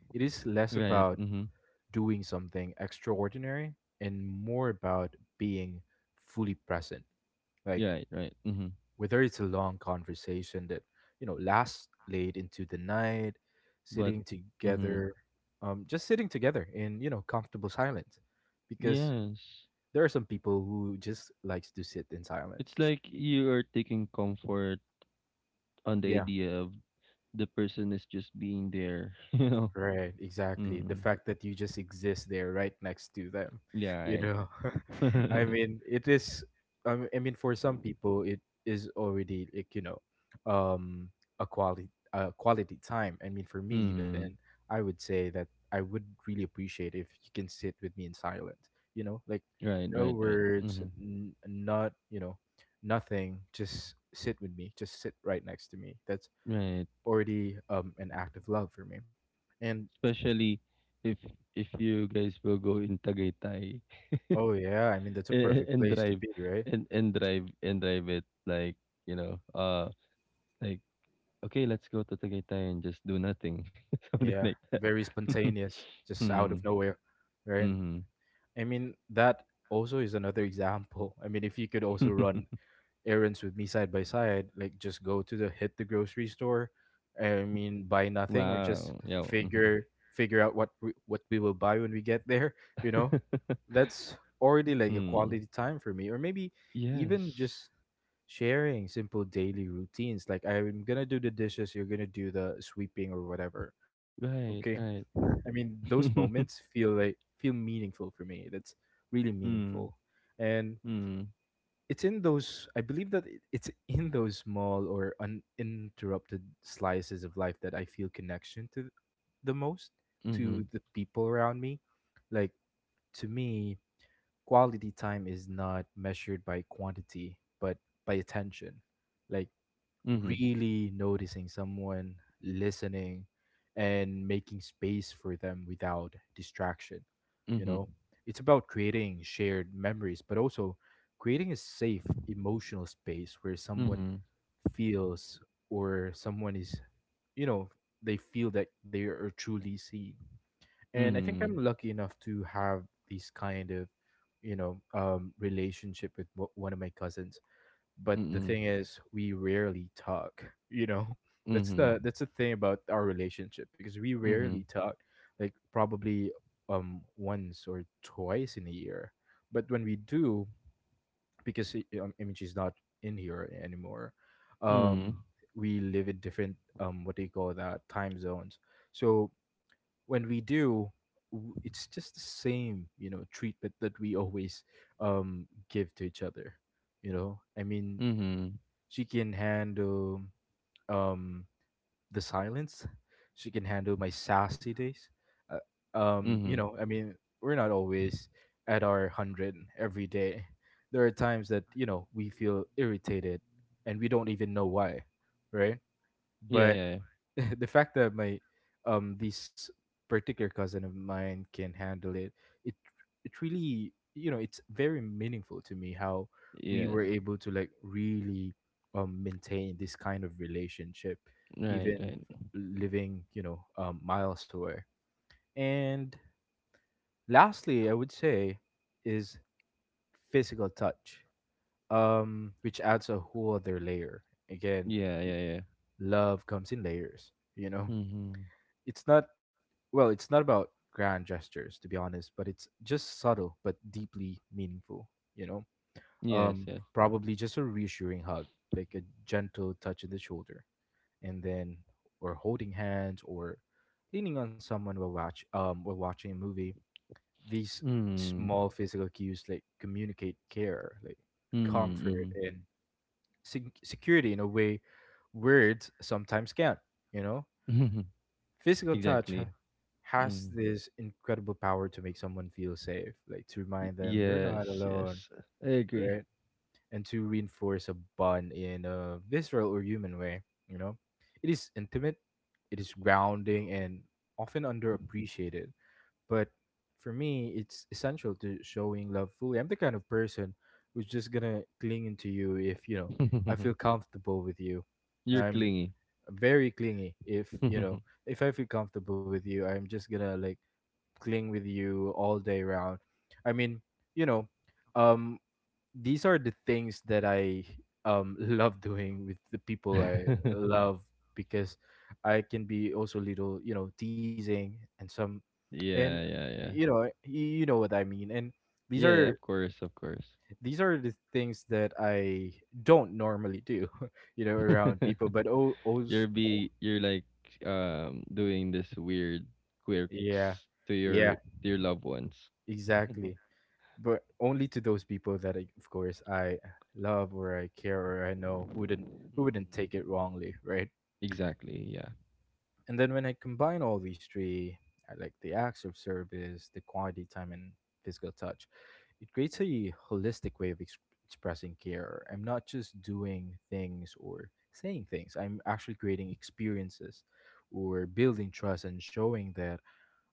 Speaker 2: it is less
Speaker 1: Right.
Speaker 2: about
Speaker 1: Mm-hmm.
Speaker 2: doing something extraordinary and more about being fully present. Like,
Speaker 1: Right. Right. Mm-hmm.
Speaker 2: whether it's a long conversation that, you know, lasts late into the night,
Speaker 1: But
Speaker 2: sitting
Speaker 1: mm-hmm.
Speaker 2: together, just sitting together in, you know, comfortable silence. Because
Speaker 1: Yes,
Speaker 2: there are some people who just likes to sit in
Speaker 1: it's
Speaker 2: silence.
Speaker 1: like you are taking comfort on the
Speaker 2: Yeah,
Speaker 1: idea of the person is just being there. *laughs* You know.
Speaker 2: right, exactly. The
Speaker 1: Mm.
Speaker 2: fact that you just exist there right next to them, you
Speaker 1: Yeah,
Speaker 2: know.
Speaker 1: right.
Speaker 2: *laughs* I
Speaker 1: *laughs*
Speaker 2: mean, it is I mean for some people it is already like, you know, um a quality time. I mean, for me even,
Speaker 1: Mm.
Speaker 2: I would say that I would really appreciate if you can sit with me in silence, you know, like
Speaker 1: Right,
Speaker 2: no
Speaker 1: right, right.
Speaker 2: words,
Speaker 1: Hmm.
Speaker 2: not, you know, nothing, just sit with me, just sit right next to me. That's
Speaker 1: Right.
Speaker 2: already an act of love for me. And
Speaker 1: Especially if if you guys will go in Tagaytay, *laughs*
Speaker 2: oh yeah, I mean that's a
Speaker 1: and,
Speaker 2: perfect
Speaker 1: and
Speaker 2: place to
Speaker 1: drive
Speaker 2: be, right?
Speaker 1: and drive it, like, you know, like, okay, let's go to Tagaytay and just do nothing. *laughs* Something
Speaker 2: Yeah,
Speaker 1: like that.
Speaker 2: very
Speaker 1: *laughs*
Speaker 2: spontaneous, just out of
Speaker 1: Hmm.
Speaker 2: nowhere, right?
Speaker 1: Hmm.
Speaker 2: I mean that also is another example. I mean if you could also run
Speaker 1: *laughs*
Speaker 2: errands with me side by side, like just go to the hit the grocery store, I mean buy nothing or just
Speaker 1: Wow. Yeah. Hmm.
Speaker 2: figure out what we will buy when we get there, you know?
Speaker 1: *laughs*
Speaker 2: That's already like a
Speaker 1: Hmm.
Speaker 2: quality time for me, or maybe even
Speaker 1: Yes.
Speaker 2: just sharing simple daily routines, like I'm gonna do the dishes, you're gonna do the sweeping, or whatever. Okay.
Speaker 1: Right, right.
Speaker 2: I mean, those moments
Speaker 1: *laughs*
Speaker 2: feel meaningful for me. That's really
Speaker 1: Hmm.
Speaker 2: meaningful, and
Speaker 1: Hmm.
Speaker 2: it's in those. I believe that it's in those small or uninterrupted slices of life that I feel connection to the most, to
Speaker 1: Mhm,
Speaker 2: the people around me. Like to me, quality time is not measured by quantity, but by attention. Like
Speaker 1: mhm,
Speaker 2: really noticing someone, listening, and making space for them without distraction. You
Speaker 1: mhm,
Speaker 2: know, it's about creating shared memories, but also creating a safe emotional space where someone
Speaker 1: mhm,
Speaker 2: feels, or someone is, you know, they feel that they are truly seen. And I think
Speaker 1: mhm,
Speaker 2: I'm lucky enough to have these kind of, you know, relationship with one of my cousins, but
Speaker 1: mm,
Speaker 2: the
Speaker 1: mhm,
Speaker 2: thing is we rarely talk, you know. *laughs* That's the that's the thing about our relationship, because we rarely
Speaker 1: mhm,
Speaker 2: talk, like probably once or twice in a year, but when we do, because I mean she's not in here anymore.
Speaker 1: mm,
Speaker 2: um we live in different what do you call that, time zones. So when we do, it's just the same, you know, treatment that we always give to each other, you know. I mean,
Speaker 1: mhm,
Speaker 2: she can handle um the silence. She can handle my sassy days. You
Speaker 1: mhm.
Speaker 2: know, I mean, we're not always at our 100 every day. There are times that you know we feel irritated, and we don't even know why, right?
Speaker 1: Yeah,
Speaker 2: But
Speaker 1: yeah, yeah.
Speaker 2: *laughs* the fact that my this particular cousin of mine can handle it, it it really, you know, it's very meaningful to me, how we were
Speaker 1: Yes.
Speaker 2: able to like really maintain this kind of relationship
Speaker 1: Right,
Speaker 2: even
Speaker 1: right.
Speaker 2: living, you know, miles away. And lastly I would say is physical touch, which adds a whole other layer. Again,
Speaker 1: Yeah, yeah, yeah.
Speaker 2: love comes in layers, you know.
Speaker 1: Mm-hmm.
Speaker 2: It's not, well, it's not about grand gestures, to be honest, but it's just subtle but deeply meaningful, you know.
Speaker 1: Yes, yes.
Speaker 2: Probably just a reassuring hug, like a gentle touch on the shoulder, and then or holding hands or leaning on someone while watch while watching a movie. These
Speaker 1: Mm.
Speaker 2: small physical cues like communicate care, like comfort
Speaker 1: Mm-hmm.
Speaker 2: and security, in a way words sometimes can't, you know.
Speaker 1: Mm-hmm. *laughs*
Speaker 2: Physical touch
Speaker 1: Exactly.
Speaker 2: has
Speaker 1: Mm.
Speaker 2: this incredible power to make someone feel safe, like to
Speaker 1: Y-
Speaker 2: remind them they're not
Speaker 1: Yes,
Speaker 2: alone,
Speaker 1: yes. I agree.
Speaker 2: right? And to reinforce a bond in a visceral or human way, you know? It is intimate, it is grounding, and often underappreciated. But for me, it's essential to showing love fully. I'm the kind of person who's just gonna cling into you if, you know, I feel
Speaker 1: *laughs*
Speaker 2: comfortable with you.
Speaker 1: You're
Speaker 2: I'm
Speaker 1: clingy.
Speaker 2: very clingy if
Speaker 1: *laughs* Yeah,
Speaker 2: you know if I feel comfortable with you I'm just gonna like cling with you all day round. i mean you know um these are the things that I *laughs* love doing with the people I love, because I can be also little teasing and some. And
Speaker 1: yeah, yeah.
Speaker 2: you know what I mean. And these
Speaker 1: Yeah,
Speaker 2: are
Speaker 1: of course, of course.
Speaker 2: the things that I don't normally do *laughs* around
Speaker 1: *laughs*
Speaker 2: people. But
Speaker 1: You're, like, doing this weird
Speaker 2: Yeah,
Speaker 1: quirks to your,
Speaker 2: yeah,
Speaker 1: to your loved ones.
Speaker 2: exactly.
Speaker 1: *laughs*
Speaker 2: But only to those people that, I, of course, I love or I care or I know
Speaker 1: Hmm.
Speaker 2: who wouldn't take it wrongly, right?
Speaker 1: Exactly. Yeah.
Speaker 2: And then when I combine all these three, I like the acts of service, the quality time, and physical touch, it creates a holistic way of expressing care. I'm not just doing things or saying things. I'm actually creating experiences or building trust and showing that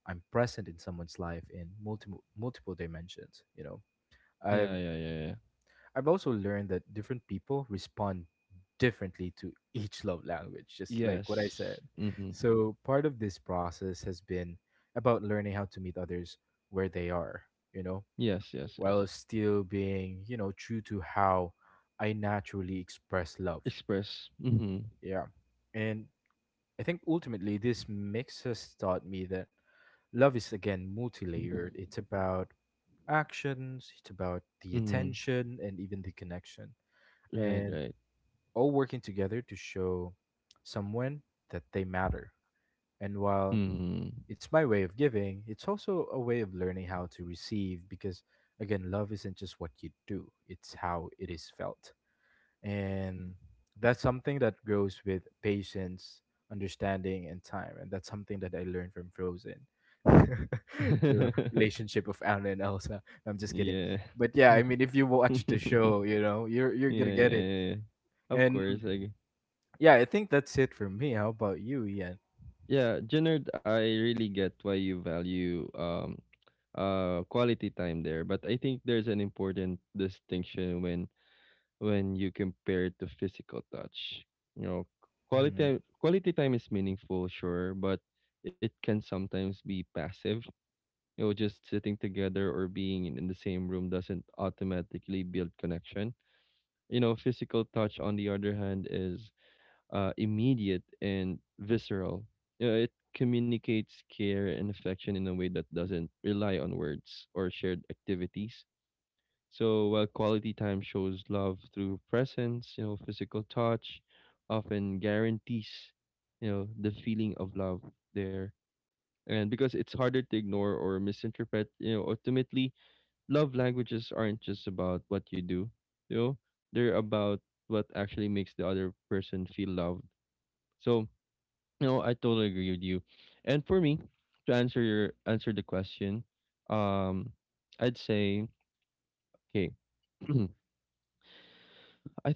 Speaker 2: I'm present in someone's life in multiple dimensions. You know,
Speaker 1: Yeah.
Speaker 2: I've
Speaker 1: Yeah. Yeah. Yeah.
Speaker 2: I've also learned that different people respond differently to *laughs* each love language, just like what I said.
Speaker 1: Yes. Mm-hmm.
Speaker 2: So part of this process has been about learning how to meet others where they are, you know,
Speaker 1: Yes. Yes.
Speaker 2: while
Speaker 1: Yes.
Speaker 2: still being, you know, true to how I naturally express love.
Speaker 1: Express. Mm-hmm.
Speaker 2: Yeah. And I think ultimately this mix has taught me that love is, again, multi-layered. It's about actions, it's about the
Speaker 1: Mm-hmm.
Speaker 2: attention and even the connection,
Speaker 1: Right.
Speaker 2: and
Speaker 1: Right.
Speaker 2: all working together to show someone that they matter. And while
Speaker 1: Mm-hmm.
Speaker 2: it's my way of giving, it's also a way of learning how to receive because, again, love isn't just what you do, it's how it is felt. And that's something that grows with patience, understanding, and time. And that's something that I learned from Frozen, *laughs* the relationship of Anna and Elsa. No, I'm
Speaker 1: *laughs*
Speaker 2: just kidding.
Speaker 1: Yeah.
Speaker 2: But yeah, I mean if you
Speaker 1: *laughs* Yeah.
Speaker 2: watch the show, you know, you're gonna
Speaker 1: Yeah.
Speaker 2: get it.
Speaker 1: Yeah. Of
Speaker 2: And
Speaker 1: course. Like.
Speaker 2: yeah, I think that's it for me. How about you, Ian?
Speaker 1: Yeah, Jenard, I really get why you value, quality time there, but I think there's an important distinction when you compare it to physical touch. You know,
Speaker 2: Mhm,
Speaker 1: quality time is meaningful, sure, but it can sometimes be passive. You know, just sitting together or being in the same room doesn't automatically build connection. You know, physical touch, on the other hand, is immediate and visceral. You know, it communicates care and affection in a way that doesn't rely on words or shared activities. So while quality time shows love through presence, you know, physical touch often guarantees, you know, the feeling of love there. And because it's harder to ignore or misinterpret, you know, ultimately, love languages aren't just about what you do, you know, they're about what actually makes the other person feel loved. So no, I totally agree with you. And for me, to answer the question, um, I'd say, okay. *clears throat* I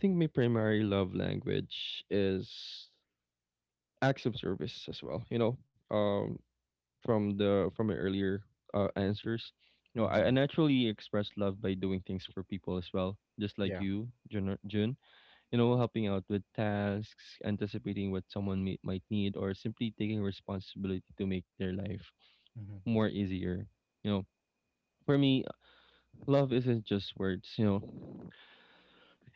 Speaker 1: think my primary love language is acts of service as well. You know, um, from the from my earlier, answers, you know, I
Speaker 2: mhm,
Speaker 1: naturally express love by doing things for people as well, just like
Speaker 2: yeah,
Speaker 1: you, Jun. You know, helping out with tasks, anticipating what someone may, might need, or simply taking responsibility to make their life
Speaker 2: mhm,
Speaker 1: more easier. You know, for me, love isn't just words. You know,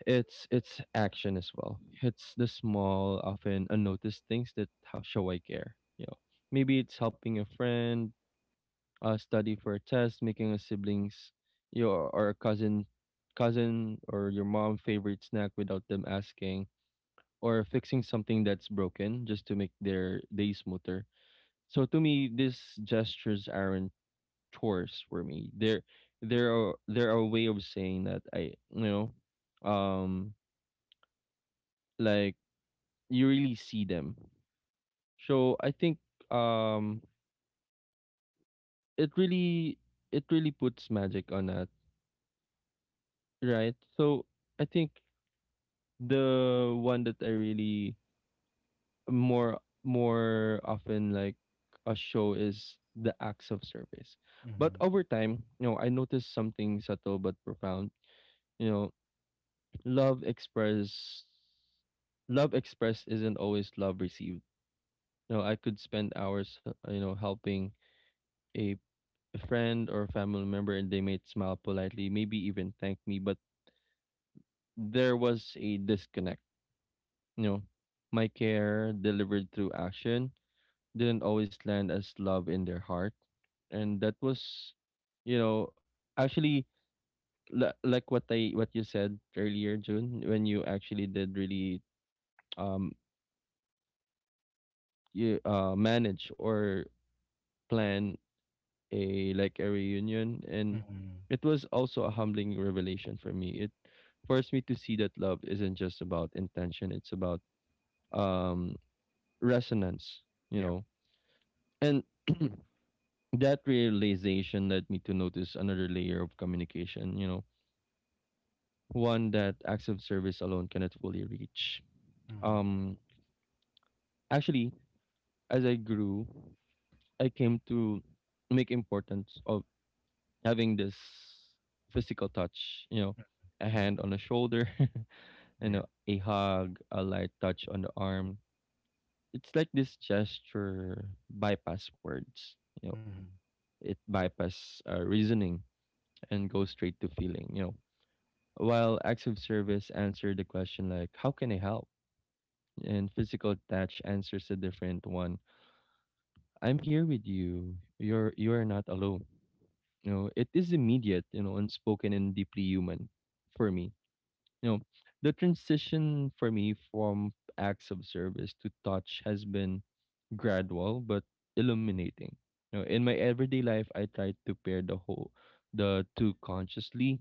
Speaker 1: it's action as well. It's the small, often unnoticed things that how show I care. You know, maybe it's helping a friend, study for a test, making a siblings, your or a cousin, or your mom favorite snack without them asking, or fixing something that's broken just to make their day smoother. So to me, these gestures aren't chores for me. They're, they're a way of saying that I, you know, um, like, you really see them. So I think, um, it really, puts magic on that, right? So I think the one that I really more often, like, a show is the acts of service. But
Speaker 2: mhm,
Speaker 1: over time, you know, I noticed something subtle but profound. You know, love express love expressed isn't always love received. You know, I could spend hours, you know, helping a friend or family member, and they may smile politely, maybe even thank me, but there was a disconnect. You know, my care delivered through action didn't always land as love in their heart. And that was, you know, actually, like what you said earlier, June, when you actually did really, um you, manage or plan a like a reunion, and
Speaker 2: mhm,
Speaker 1: it was also a humbling revelation for me. It forced me to see that love isn't just about intention, it's about, um resonance, you
Speaker 2: yeah,
Speaker 1: know. And *clears throat* that realization led me to notice another layer of communication, you know, one that acts of service alone cannot fully reach.
Speaker 2: mhm,
Speaker 1: um Actually, as I grew, I came to make importance of having this physical touch, you know,
Speaker 2: mhm,
Speaker 1: a
Speaker 2: mhm,
Speaker 1: hand on the shoulder, *laughs* you
Speaker 2: yeah,
Speaker 1: know, a hug, a light touch on the arm. It's like this gesture bypass words, you know,
Speaker 2: mhm,
Speaker 1: it bypass, reasoning, and goes straight to feeling, you know. While acts of service answer the question, like, how can I help? And physical touch answers a different one. I'm here with you. You are not alone. You know, it is immediate, you know, unspoken, and deeply human for me. You know, the transition for me from acts of service to touch has been gradual but illuminating. You know, in my everyday life, I try to pair the two consciously.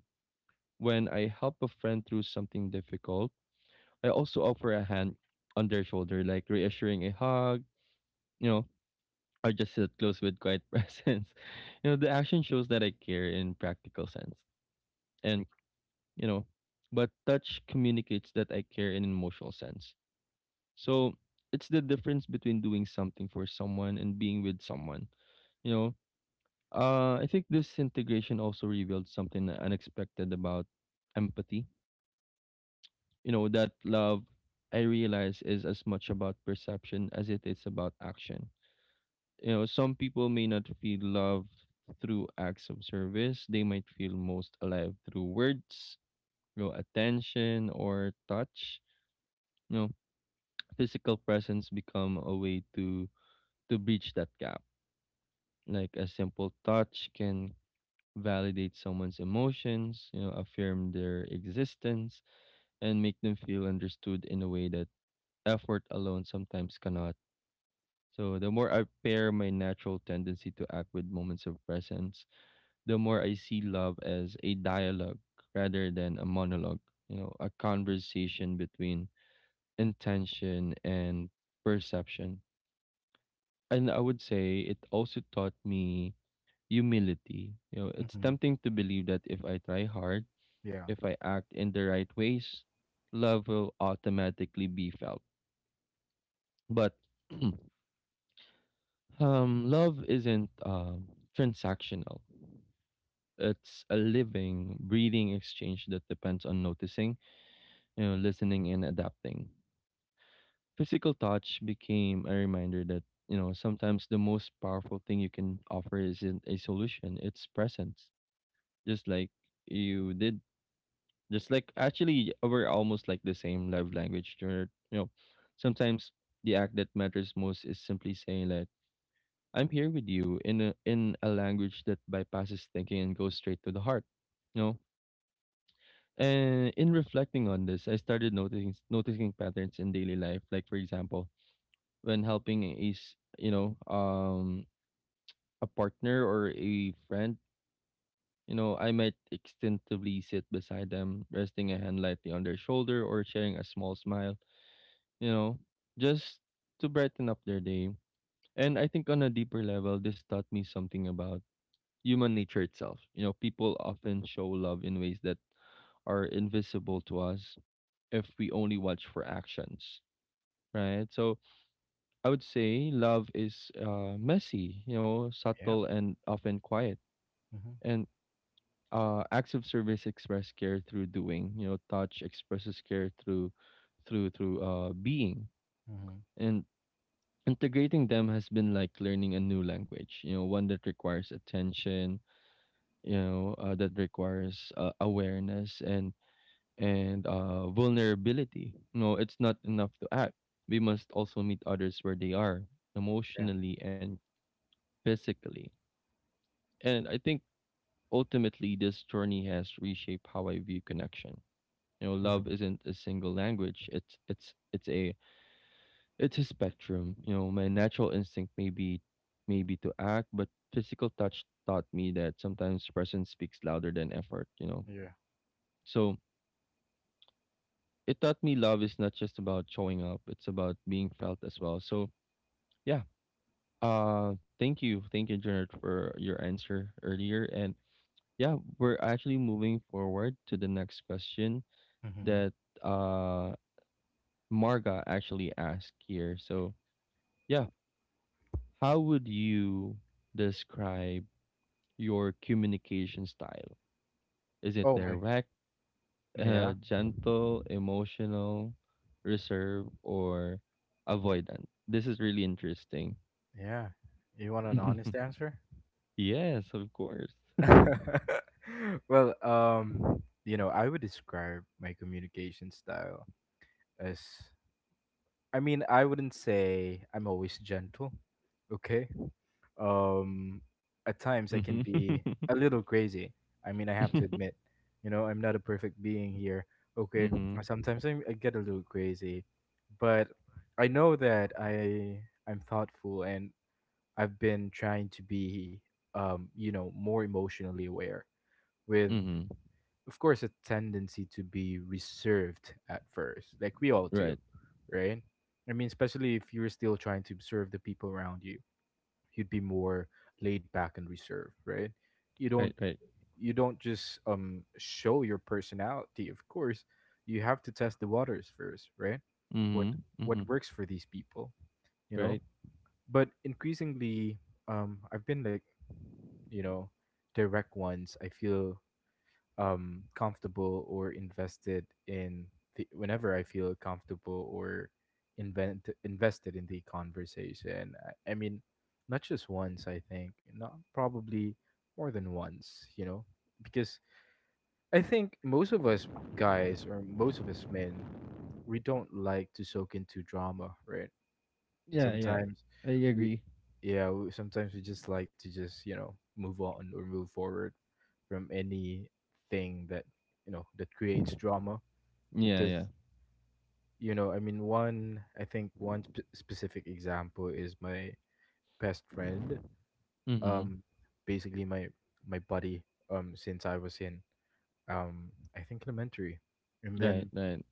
Speaker 1: When I help a friend through something difficult, I also offer a hand on their shoulder, like reassuring a hug. You know, or just sit close with quiet *laughs* presence. You know, the action shows that I care in practical sense, and, you know, but touch communicates that I care in an emotional sense. So it's the difference between doing something for someone and being with someone. You know, I think this integration also revealed something unexpected about empathy. You know, that love, I realize, is as much about perception as it is about action. You know, some people may not feel love through acts of service. They might feel most alive through words, you know, attention or touch. You know, physical presence become a way to breach that gap. Like, a simple touch can validate someone's emotions, you know, affirm their existence, and make them feel understood in a way that effort alone sometimes cannot. So the more I pair my natural tendency to act with moments of presence, the more I see love as a dialogue rather than a monologue, you know, a conversation between intention and perception. And I would say it also taught me humility. You know, it's
Speaker 2: mhm,
Speaker 1: tempting to believe that if I try hard,
Speaker 2: yeah,
Speaker 1: if I act in the right ways, love will automatically be felt. But *clears throat* love isn't, transactional. It's a living, breathing exchange that depends on noticing, you know, listening, and adapting. Physical touch became a reminder that, you know, sometimes the most powerful thing you can offer isn't a solution; it's presence. Just like you did. Just like, actually, we're almost like the same love language. You know, sometimes the act that matters most is simply saying that I'm here with you in a, language that bypasses thinking and goes straight to the heart. You know, and in reflecting on this, I started noticing patterns in daily life. Like, for example, when helping is, you know, a partner or a friend, you know, I might instinctively sit beside them, resting a hand lightly on their shoulder, or sharing a small smile, you know, just to brighten up their day. And I think, on a deeper level, this taught me something about human nature itself. You know, people often show love in ways that are invisible to us if we only watch for actions, right? So I would say love is messy, you know,
Speaker 2: yeah,
Speaker 1: subtle and often quiet.
Speaker 2: mhm,
Speaker 1: And acts of service express care through doing. You know, touch expresses care through being.
Speaker 2: mhm,
Speaker 1: And integrating them has been like learning a new language, you know, one that requires attention, you know, that requires awareness and vulnerability. You know, it's not enough to act, we must also meet others where they are
Speaker 2: yeah,
Speaker 1: emotionally and physically. And I think ultimately this journey has reshaped how I view connection. You know, love
Speaker 2: mhm,
Speaker 1: isn't a single language, it's a It's a spectrum. You know, my natural instinct may be maybe to act, but physical touch taught me that sometimes presence speaks louder than effort,
Speaker 2: yeah,
Speaker 1: So it taught me love is not just about showing up, it's about being felt as well. So yeah. Thank you. Thank you, Janet, for your answer earlier. And yeah, we're actually moving forward to the next question
Speaker 2: mhm.
Speaker 1: that uh Marga actually asked here. So yeah, how would you describe your communication style? Is it
Speaker 2: Oh my,
Speaker 1: direct,
Speaker 2: yeah,
Speaker 1: gentle, emotional, reserved, or avoidant? This is really interesting.
Speaker 2: yeah. You want an
Speaker 1: *laughs*
Speaker 2: honest answer?
Speaker 1: Yes, of course. *laughs*
Speaker 2: *laughs* Well, you know, I would describe my communication style as, I mean, I wouldn't say I'm always gentle, okay? um at times I can
Speaker 1: Hmm.
Speaker 2: be a
Speaker 1: *laughs*
Speaker 2: little crazy. I mean, I have to admit, you know, I'm not a perfect being here. Okay,
Speaker 1: Hmm.
Speaker 2: sometimes I get a little crazy, but I know that I'm thoughtful and I've been trying to be, you know, more emotionally aware, with
Speaker 1: Hmm.
Speaker 2: of course a tendency to be reserved at first, like we all do,
Speaker 1: Right,
Speaker 2: right? I mean, especially if you're still trying to observe the people around you, you'd be more laid back and reserved, right? You don't
Speaker 1: right, right.
Speaker 2: you don't just show your personality, of course. You have to test the waters first, right? What
Speaker 1: Hmm.
Speaker 2: what
Speaker 1: Hmm.
Speaker 2: works for these people, you know?
Speaker 1: Right.
Speaker 2: But increasingly, I've been like, you know, direct ones. I feel comfortable or invested in the whenever I feel comfortable or invent invested in the conversation. I mean, not just once, I think, not probably more than once, you know, because I think most of us guys, or most of us men, we don't like to soak into drama, right?
Speaker 1: Yeah, yeah.
Speaker 2: Sometimes
Speaker 1: I
Speaker 2: we,
Speaker 1: agree.
Speaker 2: yeah, sometimes we just like to just, you know, move on or move forward from anything that, you know, that creates drama.
Speaker 1: Yeah,
Speaker 2: Because
Speaker 1: yeah.
Speaker 2: you know, I mean, one I think one specific example is my best friend,
Speaker 1: Mm-hmm.
Speaker 2: um basically my buddy, since I was in, I think, elementary. And
Speaker 1: Right,
Speaker 2: then,
Speaker 1: right.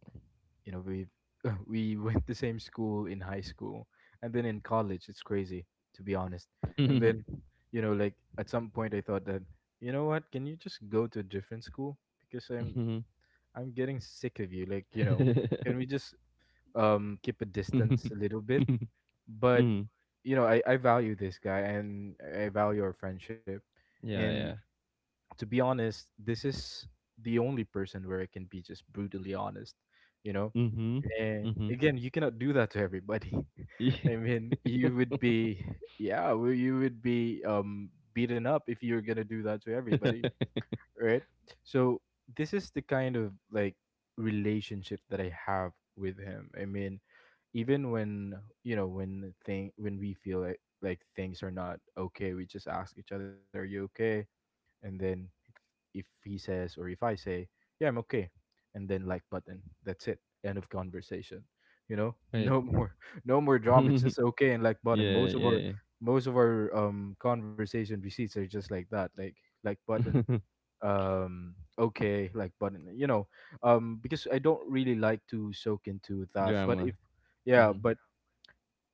Speaker 2: you know, we *laughs* we went the same school in high school, and then in college. It's crazy to be honest. And
Speaker 1: *laughs*
Speaker 2: then, you know, like at some point I thought that, you know what, can you just go to a different school, because
Speaker 1: Mm-hmm.
Speaker 2: I'm getting sick of you, like, you know, can we just keep a distance a little bit. But
Speaker 1: Mm-hmm.
Speaker 2: you know, i value this guy and I value our friendship.
Speaker 1: *laughs* Yeah,
Speaker 2: And
Speaker 1: yeah.
Speaker 2: to be honest, this is the only person where I can be just brutally honest, you know.
Speaker 1: Mm-hmm.
Speaker 2: And
Speaker 1: Mm-hmm.
Speaker 2: again, you cannot do that to everybody. *laughs* I
Speaker 1: *laughs*
Speaker 2: mean, you would be, yeah, well, you would be beaten up if you're gonna do that to everybody,
Speaker 1: *laughs*
Speaker 2: right? So this is the kind of like relationship that I have with him. I mean, even when, you know, when we feel like things are not okay, we just ask each other, "Are you okay?" And then if he says, or if I say, "Yeah, I'm okay," and then like button. That's it. End of conversation. You know,
Speaker 1: Right.
Speaker 2: *laughs* no more drama. It's
Speaker 1: *laughs*
Speaker 2: just okay and like button.
Speaker 1: Yeah, yeah, yeah.
Speaker 2: Most of our conversation receipts are just like that. Like button.
Speaker 1: *laughs*
Speaker 2: Okay, like button. You know, because I don't really like to soak into that. But
Speaker 1: Drama.
Speaker 2: if, yeah,
Speaker 1: Mhm.
Speaker 2: but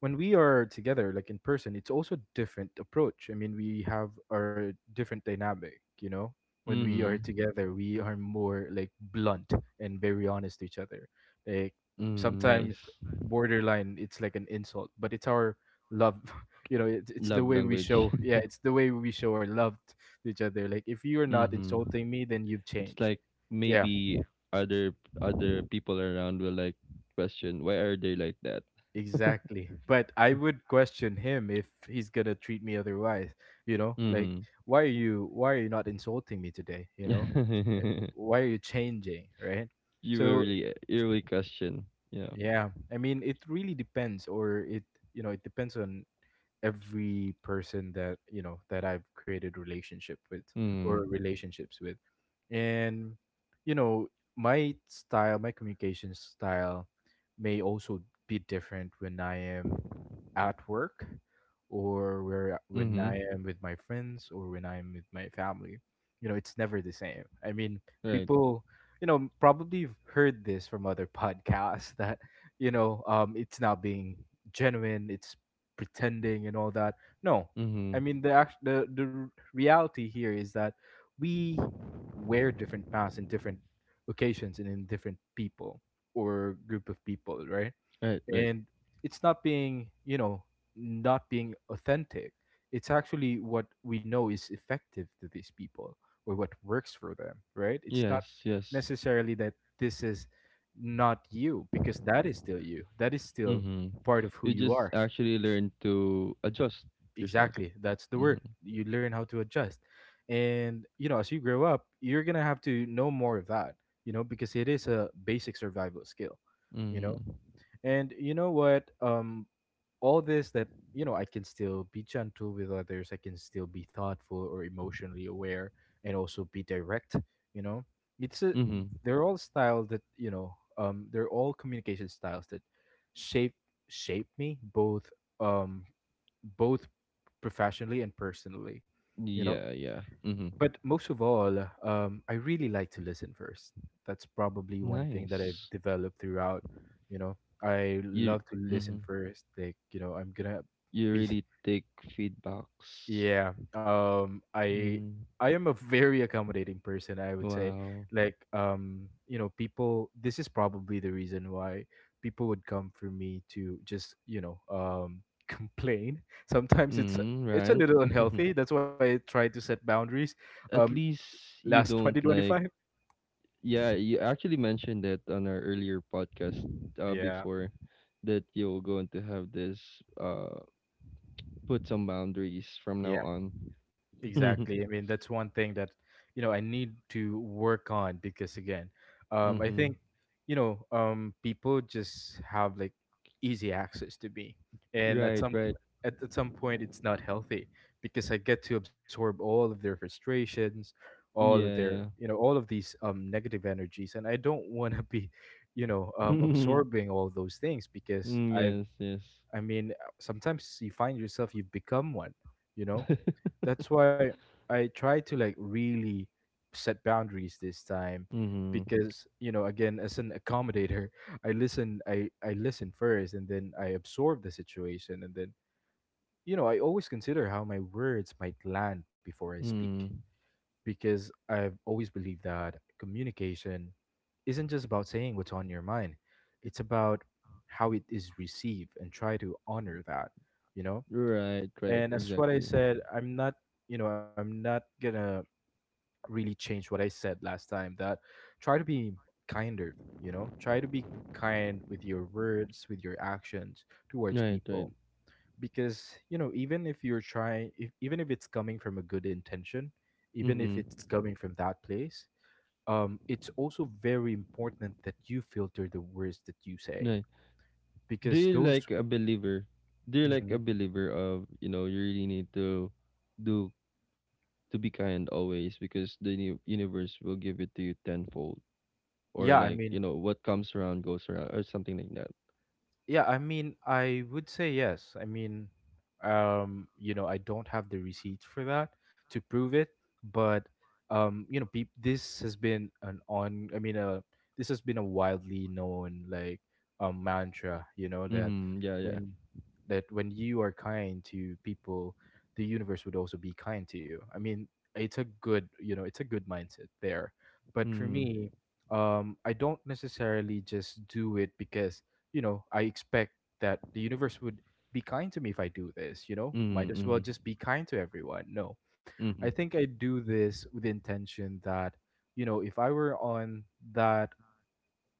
Speaker 2: when we are together, like in person, it's also different approach. I mean, we have our different dynamic, you know. When we are
Speaker 1: Mhm.
Speaker 2: together we are more like blunt and very honest to each other, like
Speaker 1: Mm, nice.
Speaker 2: sometimes borderline it's like an insult, but it's our love. *laughs* You know, it's the
Speaker 1: Love
Speaker 2: way we
Speaker 1: language.
Speaker 2: show, yeah,
Speaker 1: *laughs*
Speaker 2: it's the way we show our love to each other. Like if you're not
Speaker 1: Mhm.
Speaker 2: insulting me then you've
Speaker 1: It's
Speaker 2: changed.
Speaker 1: like
Speaker 2: Yeah.
Speaker 1: maybe other other people around will like question, why are they like that?
Speaker 2: Exactly. But I would question him if he's gonna treat me otherwise, you know? Like
Speaker 1: Mhm.
Speaker 2: why are you not insulting me today, you know?
Speaker 1: *laughs*
Speaker 2: Why are you changing, right?
Speaker 1: You will
Speaker 2: So,
Speaker 1: really, you really question, yeah.
Speaker 2: yeah, I mean, it really depends, or you know, it depends on every person that, you know, that I've created relationship with, or
Speaker 1: Mhm.
Speaker 2: relationships with. And you know, my communication style may also be different when I am at work, or where when
Speaker 1: Mhm.
Speaker 2: I am with my friends, or when I'm with my family. You know, it's never the same. I mean,
Speaker 1: Right.
Speaker 2: people, you know, probably have heard this from other *laughs* podcasts that, you know, it's not being genuine, it's pretending and all that. No, I
Speaker 1: Mhm.
Speaker 2: mean, the reality here is that we wear different masks in different occasions and in different people, or group of people, right?
Speaker 1: Right, right.
Speaker 2: And it's not being, you know, not being authentic. It's actually what we know is effective to these people, or what works for them, right? It's not
Speaker 1: Yes, yes.
Speaker 2: necessarily that this is not you, because that is still you. That is still
Speaker 1: Mhm.
Speaker 2: part of who
Speaker 1: You
Speaker 2: you
Speaker 1: just
Speaker 2: are.
Speaker 1: actually learn to adjust yourself.
Speaker 2: Exactly. That's the
Speaker 1: Mhm.
Speaker 2: word. You learn how to adjust. And, you know, as you grow up, you're going to have to know more of that, you know, because it is a basic survival skill, you
Speaker 1: Mm.
Speaker 2: know. And you know what? All this that you know, I can still be gentle with others. I can still be thoughtful or emotionally aware, and also be direct. You know, it's a
Speaker 1: Mhm.
Speaker 2: they're all style that you know. They're all communication styles that shape shape me, um both professionally and personally. You know,
Speaker 1: Yeah, yeah. Mhm.
Speaker 2: but most of all, I really like to listen first. That's probably one thing that I've
Speaker 1: Nice.
Speaker 2: developed throughout. You know, I
Speaker 1: You
Speaker 2: love to listen
Speaker 1: mhm.
Speaker 2: first. Like, you know, I'm gonna
Speaker 1: You
Speaker 2: be
Speaker 1: really
Speaker 2: *laughs*
Speaker 1: take feedbacks.
Speaker 2: yeah.
Speaker 1: Mm.
Speaker 2: I am a very accommodating person. I would say,
Speaker 1: Wow.
Speaker 2: like, you know, people. This is probably the reason why people would come for me to just, you know, *laughs* complain. Sometimes
Speaker 1: Mm,
Speaker 2: it's a
Speaker 1: right.
Speaker 2: little
Speaker 1: *laughs*
Speaker 2: unhealthy. That's why I try to set boundaries. Um,
Speaker 1: At least you
Speaker 2: last
Speaker 1: don't like,
Speaker 2: 2025.
Speaker 1: yeah, you actually mentioned that on our earlier podcast
Speaker 2: Yeah,
Speaker 1: before that you're going to have this uh put some boundaries from now
Speaker 2: yeah,
Speaker 1: on.
Speaker 2: exactly.
Speaker 1: *laughs*
Speaker 2: I mean, that's one thing that, you know, I need to work on, because again, I
Speaker 1: Mhm.
Speaker 2: think, you know, people just have like easy access to me. And at
Speaker 1: Right,
Speaker 2: some
Speaker 1: right.
Speaker 2: at some point it's not healthy, because I get to absorb all of their frustrations, all of
Speaker 1: Yeah,
Speaker 2: their,
Speaker 1: yeah.
Speaker 2: you know, all of these negative energies. And I don't want to be, you know,
Speaker 1: *laughs*
Speaker 2: absorbing all those things, because
Speaker 1: Mm, yes, yes.
Speaker 2: I mean, sometimes you find yourself you become one, you know? That's why I try to like really set boundaries this time.
Speaker 1: Mhm.
Speaker 2: Because, you know, again, as an accommodator, *laughs* I listen first, and then I absorb the situation, and then, you know, I always consider how my words might land before I speak.
Speaker 1: Mm.
Speaker 2: Because I've always believed that communication isn't just about saying what's on your mind. It's about how it is received, and try to honor that, you know?
Speaker 1: Right, right,
Speaker 2: And that's what I
Speaker 1: exactly.
Speaker 2: said. I'm not, you know, I'm not gonna really change what I said last time, that try to be kinder, you know? Try to be kind with your words, with your actions towards
Speaker 1: Right, right.
Speaker 2: people because, you know, even if you're trying if, even if it's coming from a good intention, even if it's
Speaker 1: Mm-hmm.
Speaker 2: coming from that place, it's also very important that you filter the words that you say
Speaker 1: Right. Do
Speaker 2: because
Speaker 1: you
Speaker 2: those
Speaker 1: like a believer? Do you like a
Speaker 2: Mhm.
Speaker 1: believer of, you know, you really need to do to be kind always because the universe will give it to you tenfold, or
Speaker 2: yeah i
Speaker 1: like,
Speaker 2: mean
Speaker 1: you know, what comes around goes around or something like that.
Speaker 2: Yeah, I mean, I would say yes. I mean, you know, I don't have the receipts for that to prove it, but you know, peop this has been an on. I mean, this has been a widely known like mantra. You know that
Speaker 1: Mm-hmm. Yeah, yeah.
Speaker 2: when when you are kind to people, the universe would also be kind to you. I mean, it's a good, you know, it's a good mindset there. But for
Speaker 1: Mm.
Speaker 2: me, I don't necessarily just do it because, you know, I expect that the universe would be kind to me if I do this, you know? Might
Speaker 1: Mm-hmm.
Speaker 2: as well
Speaker 1: Mm-hmm.
Speaker 2: just be kind to everyone. No. I
Speaker 1: Mm-hmm.
Speaker 2: think I do this with the intention that, you know, if I were on that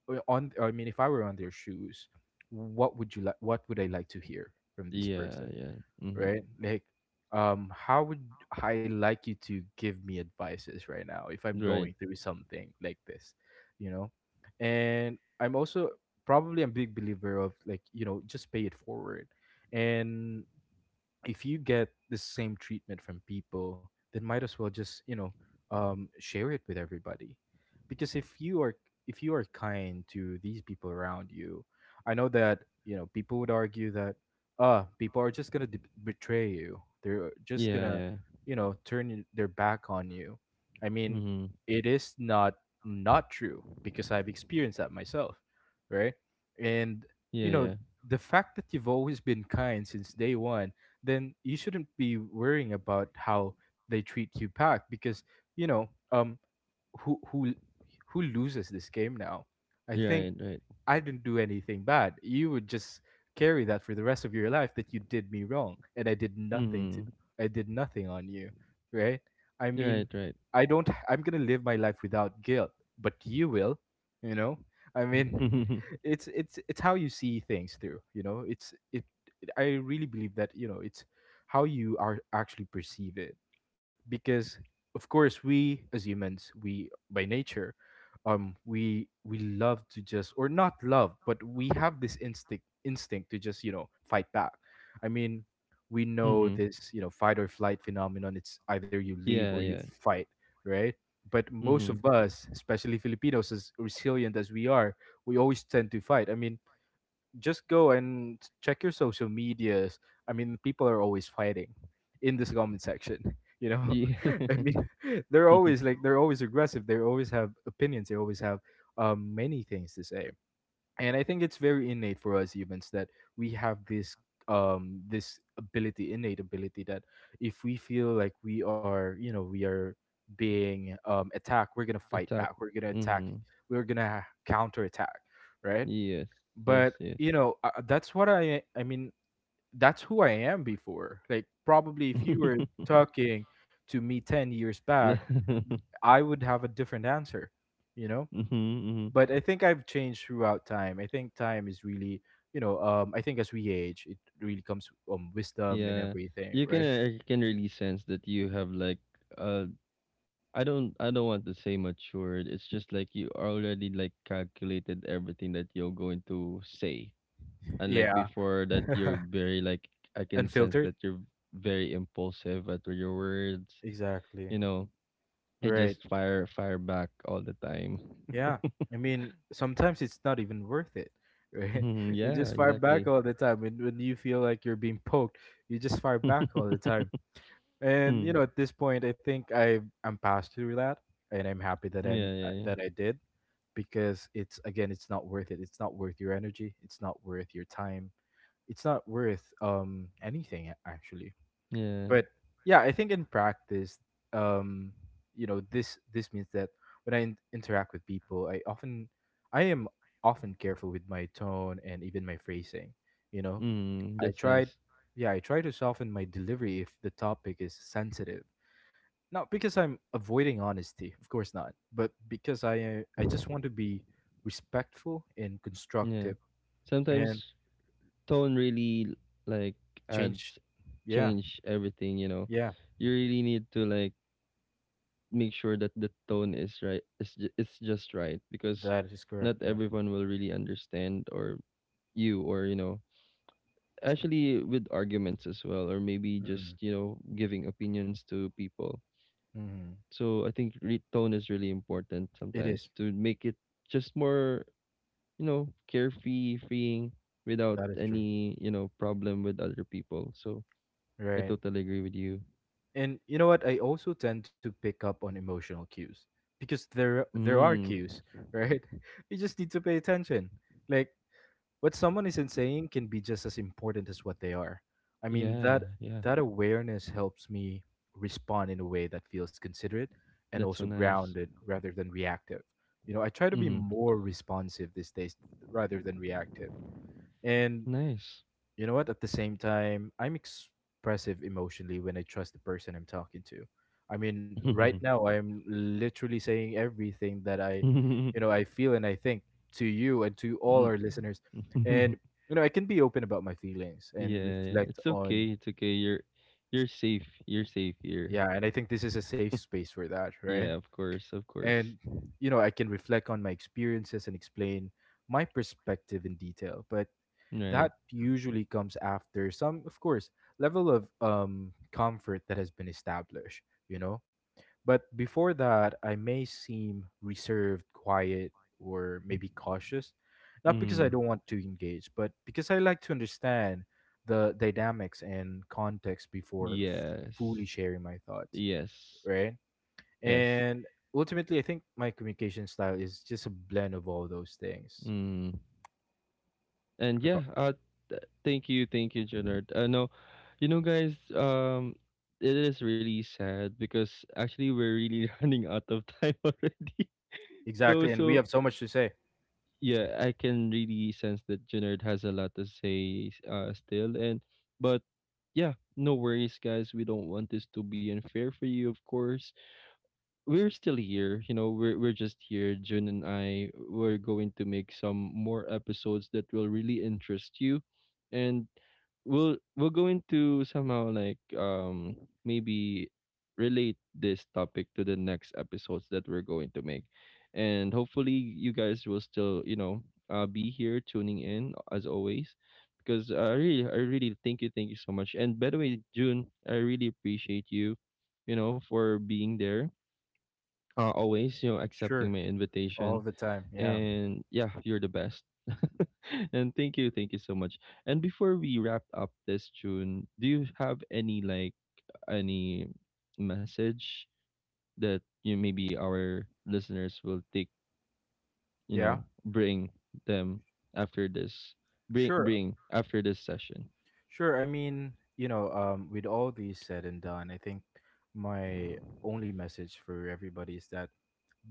Speaker 2: or on I mean if I were on their shoes, what would I like to hear from this
Speaker 1: Yeah,
Speaker 2: person?
Speaker 1: yeah. Mm-hmm.
Speaker 2: Right? Like, how would I like you to give me advices right now if I'm
Speaker 1: Right.
Speaker 2: going through something like this, you know? And I'm also probably a big believer of like, you know, just pay it forward. And if you get the same treatment from people, then might as well just, you know, share it with everybody, because if you are kind to these people around you, I know that, you know, people would argue that ah people are just betray you. They're just
Speaker 1: Yeah,
Speaker 2: gonna,
Speaker 1: yeah.
Speaker 2: you know, turn their back on you. I mean,
Speaker 1: Mm-hmm.
Speaker 2: it is not true because I've experienced that myself, right? And you
Speaker 1: Yeah,
Speaker 2: know
Speaker 1: yeah.
Speaker 2: the fact that you've always been kind since day one, then you shouldn't be worrying about how they treat you back because, you know, um who who who loses this game now, I think.
Speaker 1: Right, right.
Speaker 2: I didn't do anything bad. You would just carry that for the rest of your life that you did me wrong and I did nothing to
Speaker 1: Mm-hmm.
Speaker 2: I did nothing on you, right? I
Speaker 1: Right,
Speaker 2: mean,
Speaker 1: right.
Speaker 2: I don't I'm going to live my life without guilt, but you will, you know? I mean,
Speaker 1: *laughs*
Speaker 2: *laughs* it's how you see things through, you know? It's it I really believe that, you know, it's how you are actually perceive it because of course we as humans, we by nature, we love to just or not love but we have this instinct to just, you know, fight back. I mean, we know
Speaker 1: Mhm.
Speaker 2: this, you know, fight or flight phenomenon. It's either you leave or
Speaker 1: Yeah,
Speaker 2: you
Speaker 1: yeah.
Speaker 2: fight, right? But most
Speaker 1: Mhm.
Speaker 2: of us, especially filipinos, as resilient as we are, we always tend to fight. I mean, just go and check your social medias. I mean, people are always fighting in this comment section. *laughs* You know,
Speaker 1: Yeah.
Speaker 2: *laughs* I mean, *laughs* they're always
Speaker 1: *laughs*
Speaker 2: like they're always aggressive. They always have opinions. They always have, many things to say. And I think it's very innate for us humans that we have this ability, innate ability that if we feel like we are, you know, we are being attacked, we're gonna fight
Speaker 1: Attack.
Speaker 2: back. We're gonna attack.
Speaker 1: Mhm.
Speaker 2: We're gonna counterattack, right?
Speaker 1: Yes. Yes,
Speaker 2: But,
Speaker 1: yes.
Speaker 2: you know, that's what i mean that's who I am before. Like, probably if you were
Speaker 1: *laughs*
Speaker 2: talking to me 10 years back,
Speaker 1: La-
Speaker 2: th- I would have a different answer, you know.
Speaker 1: mhm, mhm.
Speaker 2: But I think I've changed throughout time. I think time is really, you know, I think as we age it really comes wisdom and
Speaker 1: Yeah.
Speaker 2: everything,
Speaker 1: You can
Speaker 2: right?
Speaker 1: I can really sense that you have like uh I don't want to say matured. It's just like you already like calculated everything that you're going to say. And like
Speaker 2: Yeah.
Speaker 1: before that you're very like I
Speaker 2: *laughs*
Speaker 1: can sense
Speaker 2: Unfiltered.
Speaker 1: that you're very impulsive at your words,
Speaker 2: Exactly.
Speaker 1: you know, I
Speaker 2: Right.
Speaker 1: just fire back all the time.
Speaker 2: Yeah.
Speaker 1: *laughs*
Speaker 2: I mean, sometimes it's not even worth it, right?
Speaker 1: Mhm,
Speaker 2: *laughs* You
Speaker 1: yeah,
Speaker 2: just fire back
Speaker 1: exactly.
Speaker 2: all the time. And when you feel like you're being poked, you just fire back all the
Speaker 1: *laughs*
Speaker 2: time. And,
Speaker 1: Mm.
Speaker 2: you know, at this point, I think I'm past through that. And I'm happy that I'm
Speaker 1: Yeah, yeah, yeah.
Speaker 2: that I did because it's again, it's not worth it. It's not worth your energy. It's not worth your time. It's not worth anything actually.
Speaker 1: Yeah.
Speaker 2: But yeah, I think in practice, um you know, this means that when I interact with people I often I am often careful with my tone and even my phrasing, you know.
Speaker 1: Mm,
Speaker 2: I
Speaker 1: that's
Speaker 2: tried
Speaker 1: nice.
Speaker 2: Yeah, I try to soften my delivery if the topic is sensitive, not because I'm avoiding honesty, of course not, but because I just want to be respectful and
Speaker 1: Yeah.
Speaker 2: constructive. And
Speaker 1: Sometimes tone really like
Speaker 2: change.
Speaker 1: adds
Speaker 2: Yeah.
Speaker 1: change everything, you know.
Speaker 2: Yeah,
Speaker 1: You really need to like make sure that the tone is right. It's just right because
Speaker 2: that is correct,
Speaker 1: not
Speaker 2: yeah.
Speaker 1: everyone will really understand or you know actually with arguments as well, or maybe just
Speaker 2: Mhm,
Speaker 1: you know giving opinions to people.
Speaker 2: mhm.
Speaker 1: So I think tone is really important
Speaker 2: It
Speaker 1: sometimes
Speaker 2: is.
Speaker 1: to make it just more, you know, carefree, freeing without
Speaker 2: That is true.
Speaker 1: any, you know, problem with other people. So I
Speaker 2: Right.
Speaker 1: totally agree with you.
Speaker 2: And you know what? I also tend to pick up on emotional cues because there are
Speaker 1: Mm.
Speaker 2: cues, right? *laughs* You just need to pay attention. Like what someone isn't saying can be just as important as what they are. I mean,
Speaker 1: Yeah, yeah.
Speaker 2: that awareness helps me respond in a way that feels considerate and
Speaker 1: That's so
Speaker 2: also
Speaker 1: nice.
Speaker 2: grounded rather than reactive. You know, I try to be
Speaker 1: Mm-hmm.
Speaker 2: more responsive these days rather than reactive. And
Speaker 1: Nice.
Speaker 2: you know what? At the same time, I'm expressive emotionally when I trust the person I'm talking to. I mean, right
Speaker 1: *laughs*
Speaker 2: now, I'm literally saying everything that
Speaker 1: Mm.
Speaker 2: you know, I feel and I think, to you and to all our listeners. And,
Speaker 1: *laughs*
Speaker 2: you know, I can be open about my feelings
Speaker 1: Yeah,
Speaker 2: and
Speaker 1: yeah.
Speaker 2: reflect
Speaker 1: It's
Speaker 2: on,
Speaker 1: okay. It's okay. You're safe. You're safe here.
Speaker 2: yeah, and I think this is a safe space for that, right?
Speaker 1: Yeah, of course, of course.
Speaker 2: And, you know, I can reflect on my experiences and explain my perspective in detail. But
Speaker 1: Right.
Speaker 2: that usually comes after some, of course, level of comfort that has been established, you know. But before that I may seem reserved, quiet, or maybe cautious, not because I
Speaker 1: Mm.
Speaker 2: don't want to engage but because I like to understand the dynamics and context before
Speaker 1: Yes.
Speaker 2: fully sharing my thoughts,
Speaker 1: Yes.
Speaker 2: right?
Speaker 1: Yes.
Speaker 2: And ultimately I think my communication style is just a blend of all those things.
Speaker 1: Mm. And yeah, thank you, Leonard. No, you know guys, it is really sad because actually we're really *laughs* running out of time already. *laughs* You know,
Speaker 2: Exactly. And we
Speaker 1: so
Speaker 2: have so much to say.
Speaker 1: yeah, I can really sense that Jenard has a lot to say still, and but yeah, no worries guys. We don't want this to be unfair for you, of course. We're still here, you know, we're just here, June and I, we're going to make some more episodes that will really interest you, and we're going to somehow like maybe relate this topic to the next episodes that we're going to make, and hopefully you guys will still, you know, be here tuning in as always because I really thank you, thank you so much. And by the way, June, I really appreciate you, you know, for being there, always, you know, accepting
Speaker 2: Sure.
Speaker 1: my
Speaker 2: All
Speaker 1: invitation.
Speaker 2: the time. Yeah.
Speaker 1: And yeah, you're the best. *laughs* And thank you so much. And before we wrap up this tune, do you have any like any message that you maybe our listeners will take, you
Speaker 2: Yeah.
Speaker 1: know, bring them after this,
Speaker 2: Sure.
Speaker 1: bring after this session?
Speaker 2: Sure. I mean, you know, with all these said and done, I think my only message for everybody is that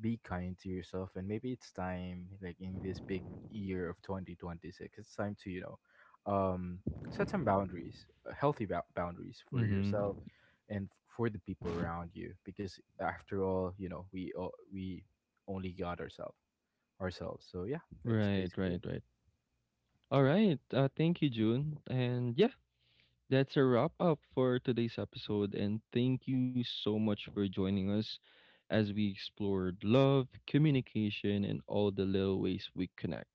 Speaker 2: be kind to yourself, and maybe it's time, like in this big year of 2026, it's time to, you know, um set some boundaries, healthy boundaries for yourself
Speaker 1: Mm-hmm.
Speaker 2: and for the people around you because after all, you know, we only got ourselves. So yeah, that's
Speaker 1: Right,
Speaker 2: basically
Speaker 1: right,
Speaker 2: it.
Speaker 1: right. All right. Thank you, June. And yeah, that's a wrap up for today's episode, and thank you so much for joining us as we explored love, communication, and all the little ways we connect.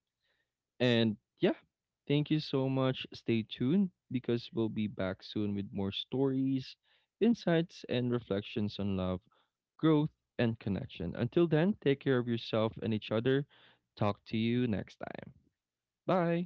Speaker 1: And yeah, thank you so much. Stay tuned because we'll be back soon with more stories, insights, and reflections on love, growth, and connection. Until then, take care of yourself and each other. Talk to you next time. Bye.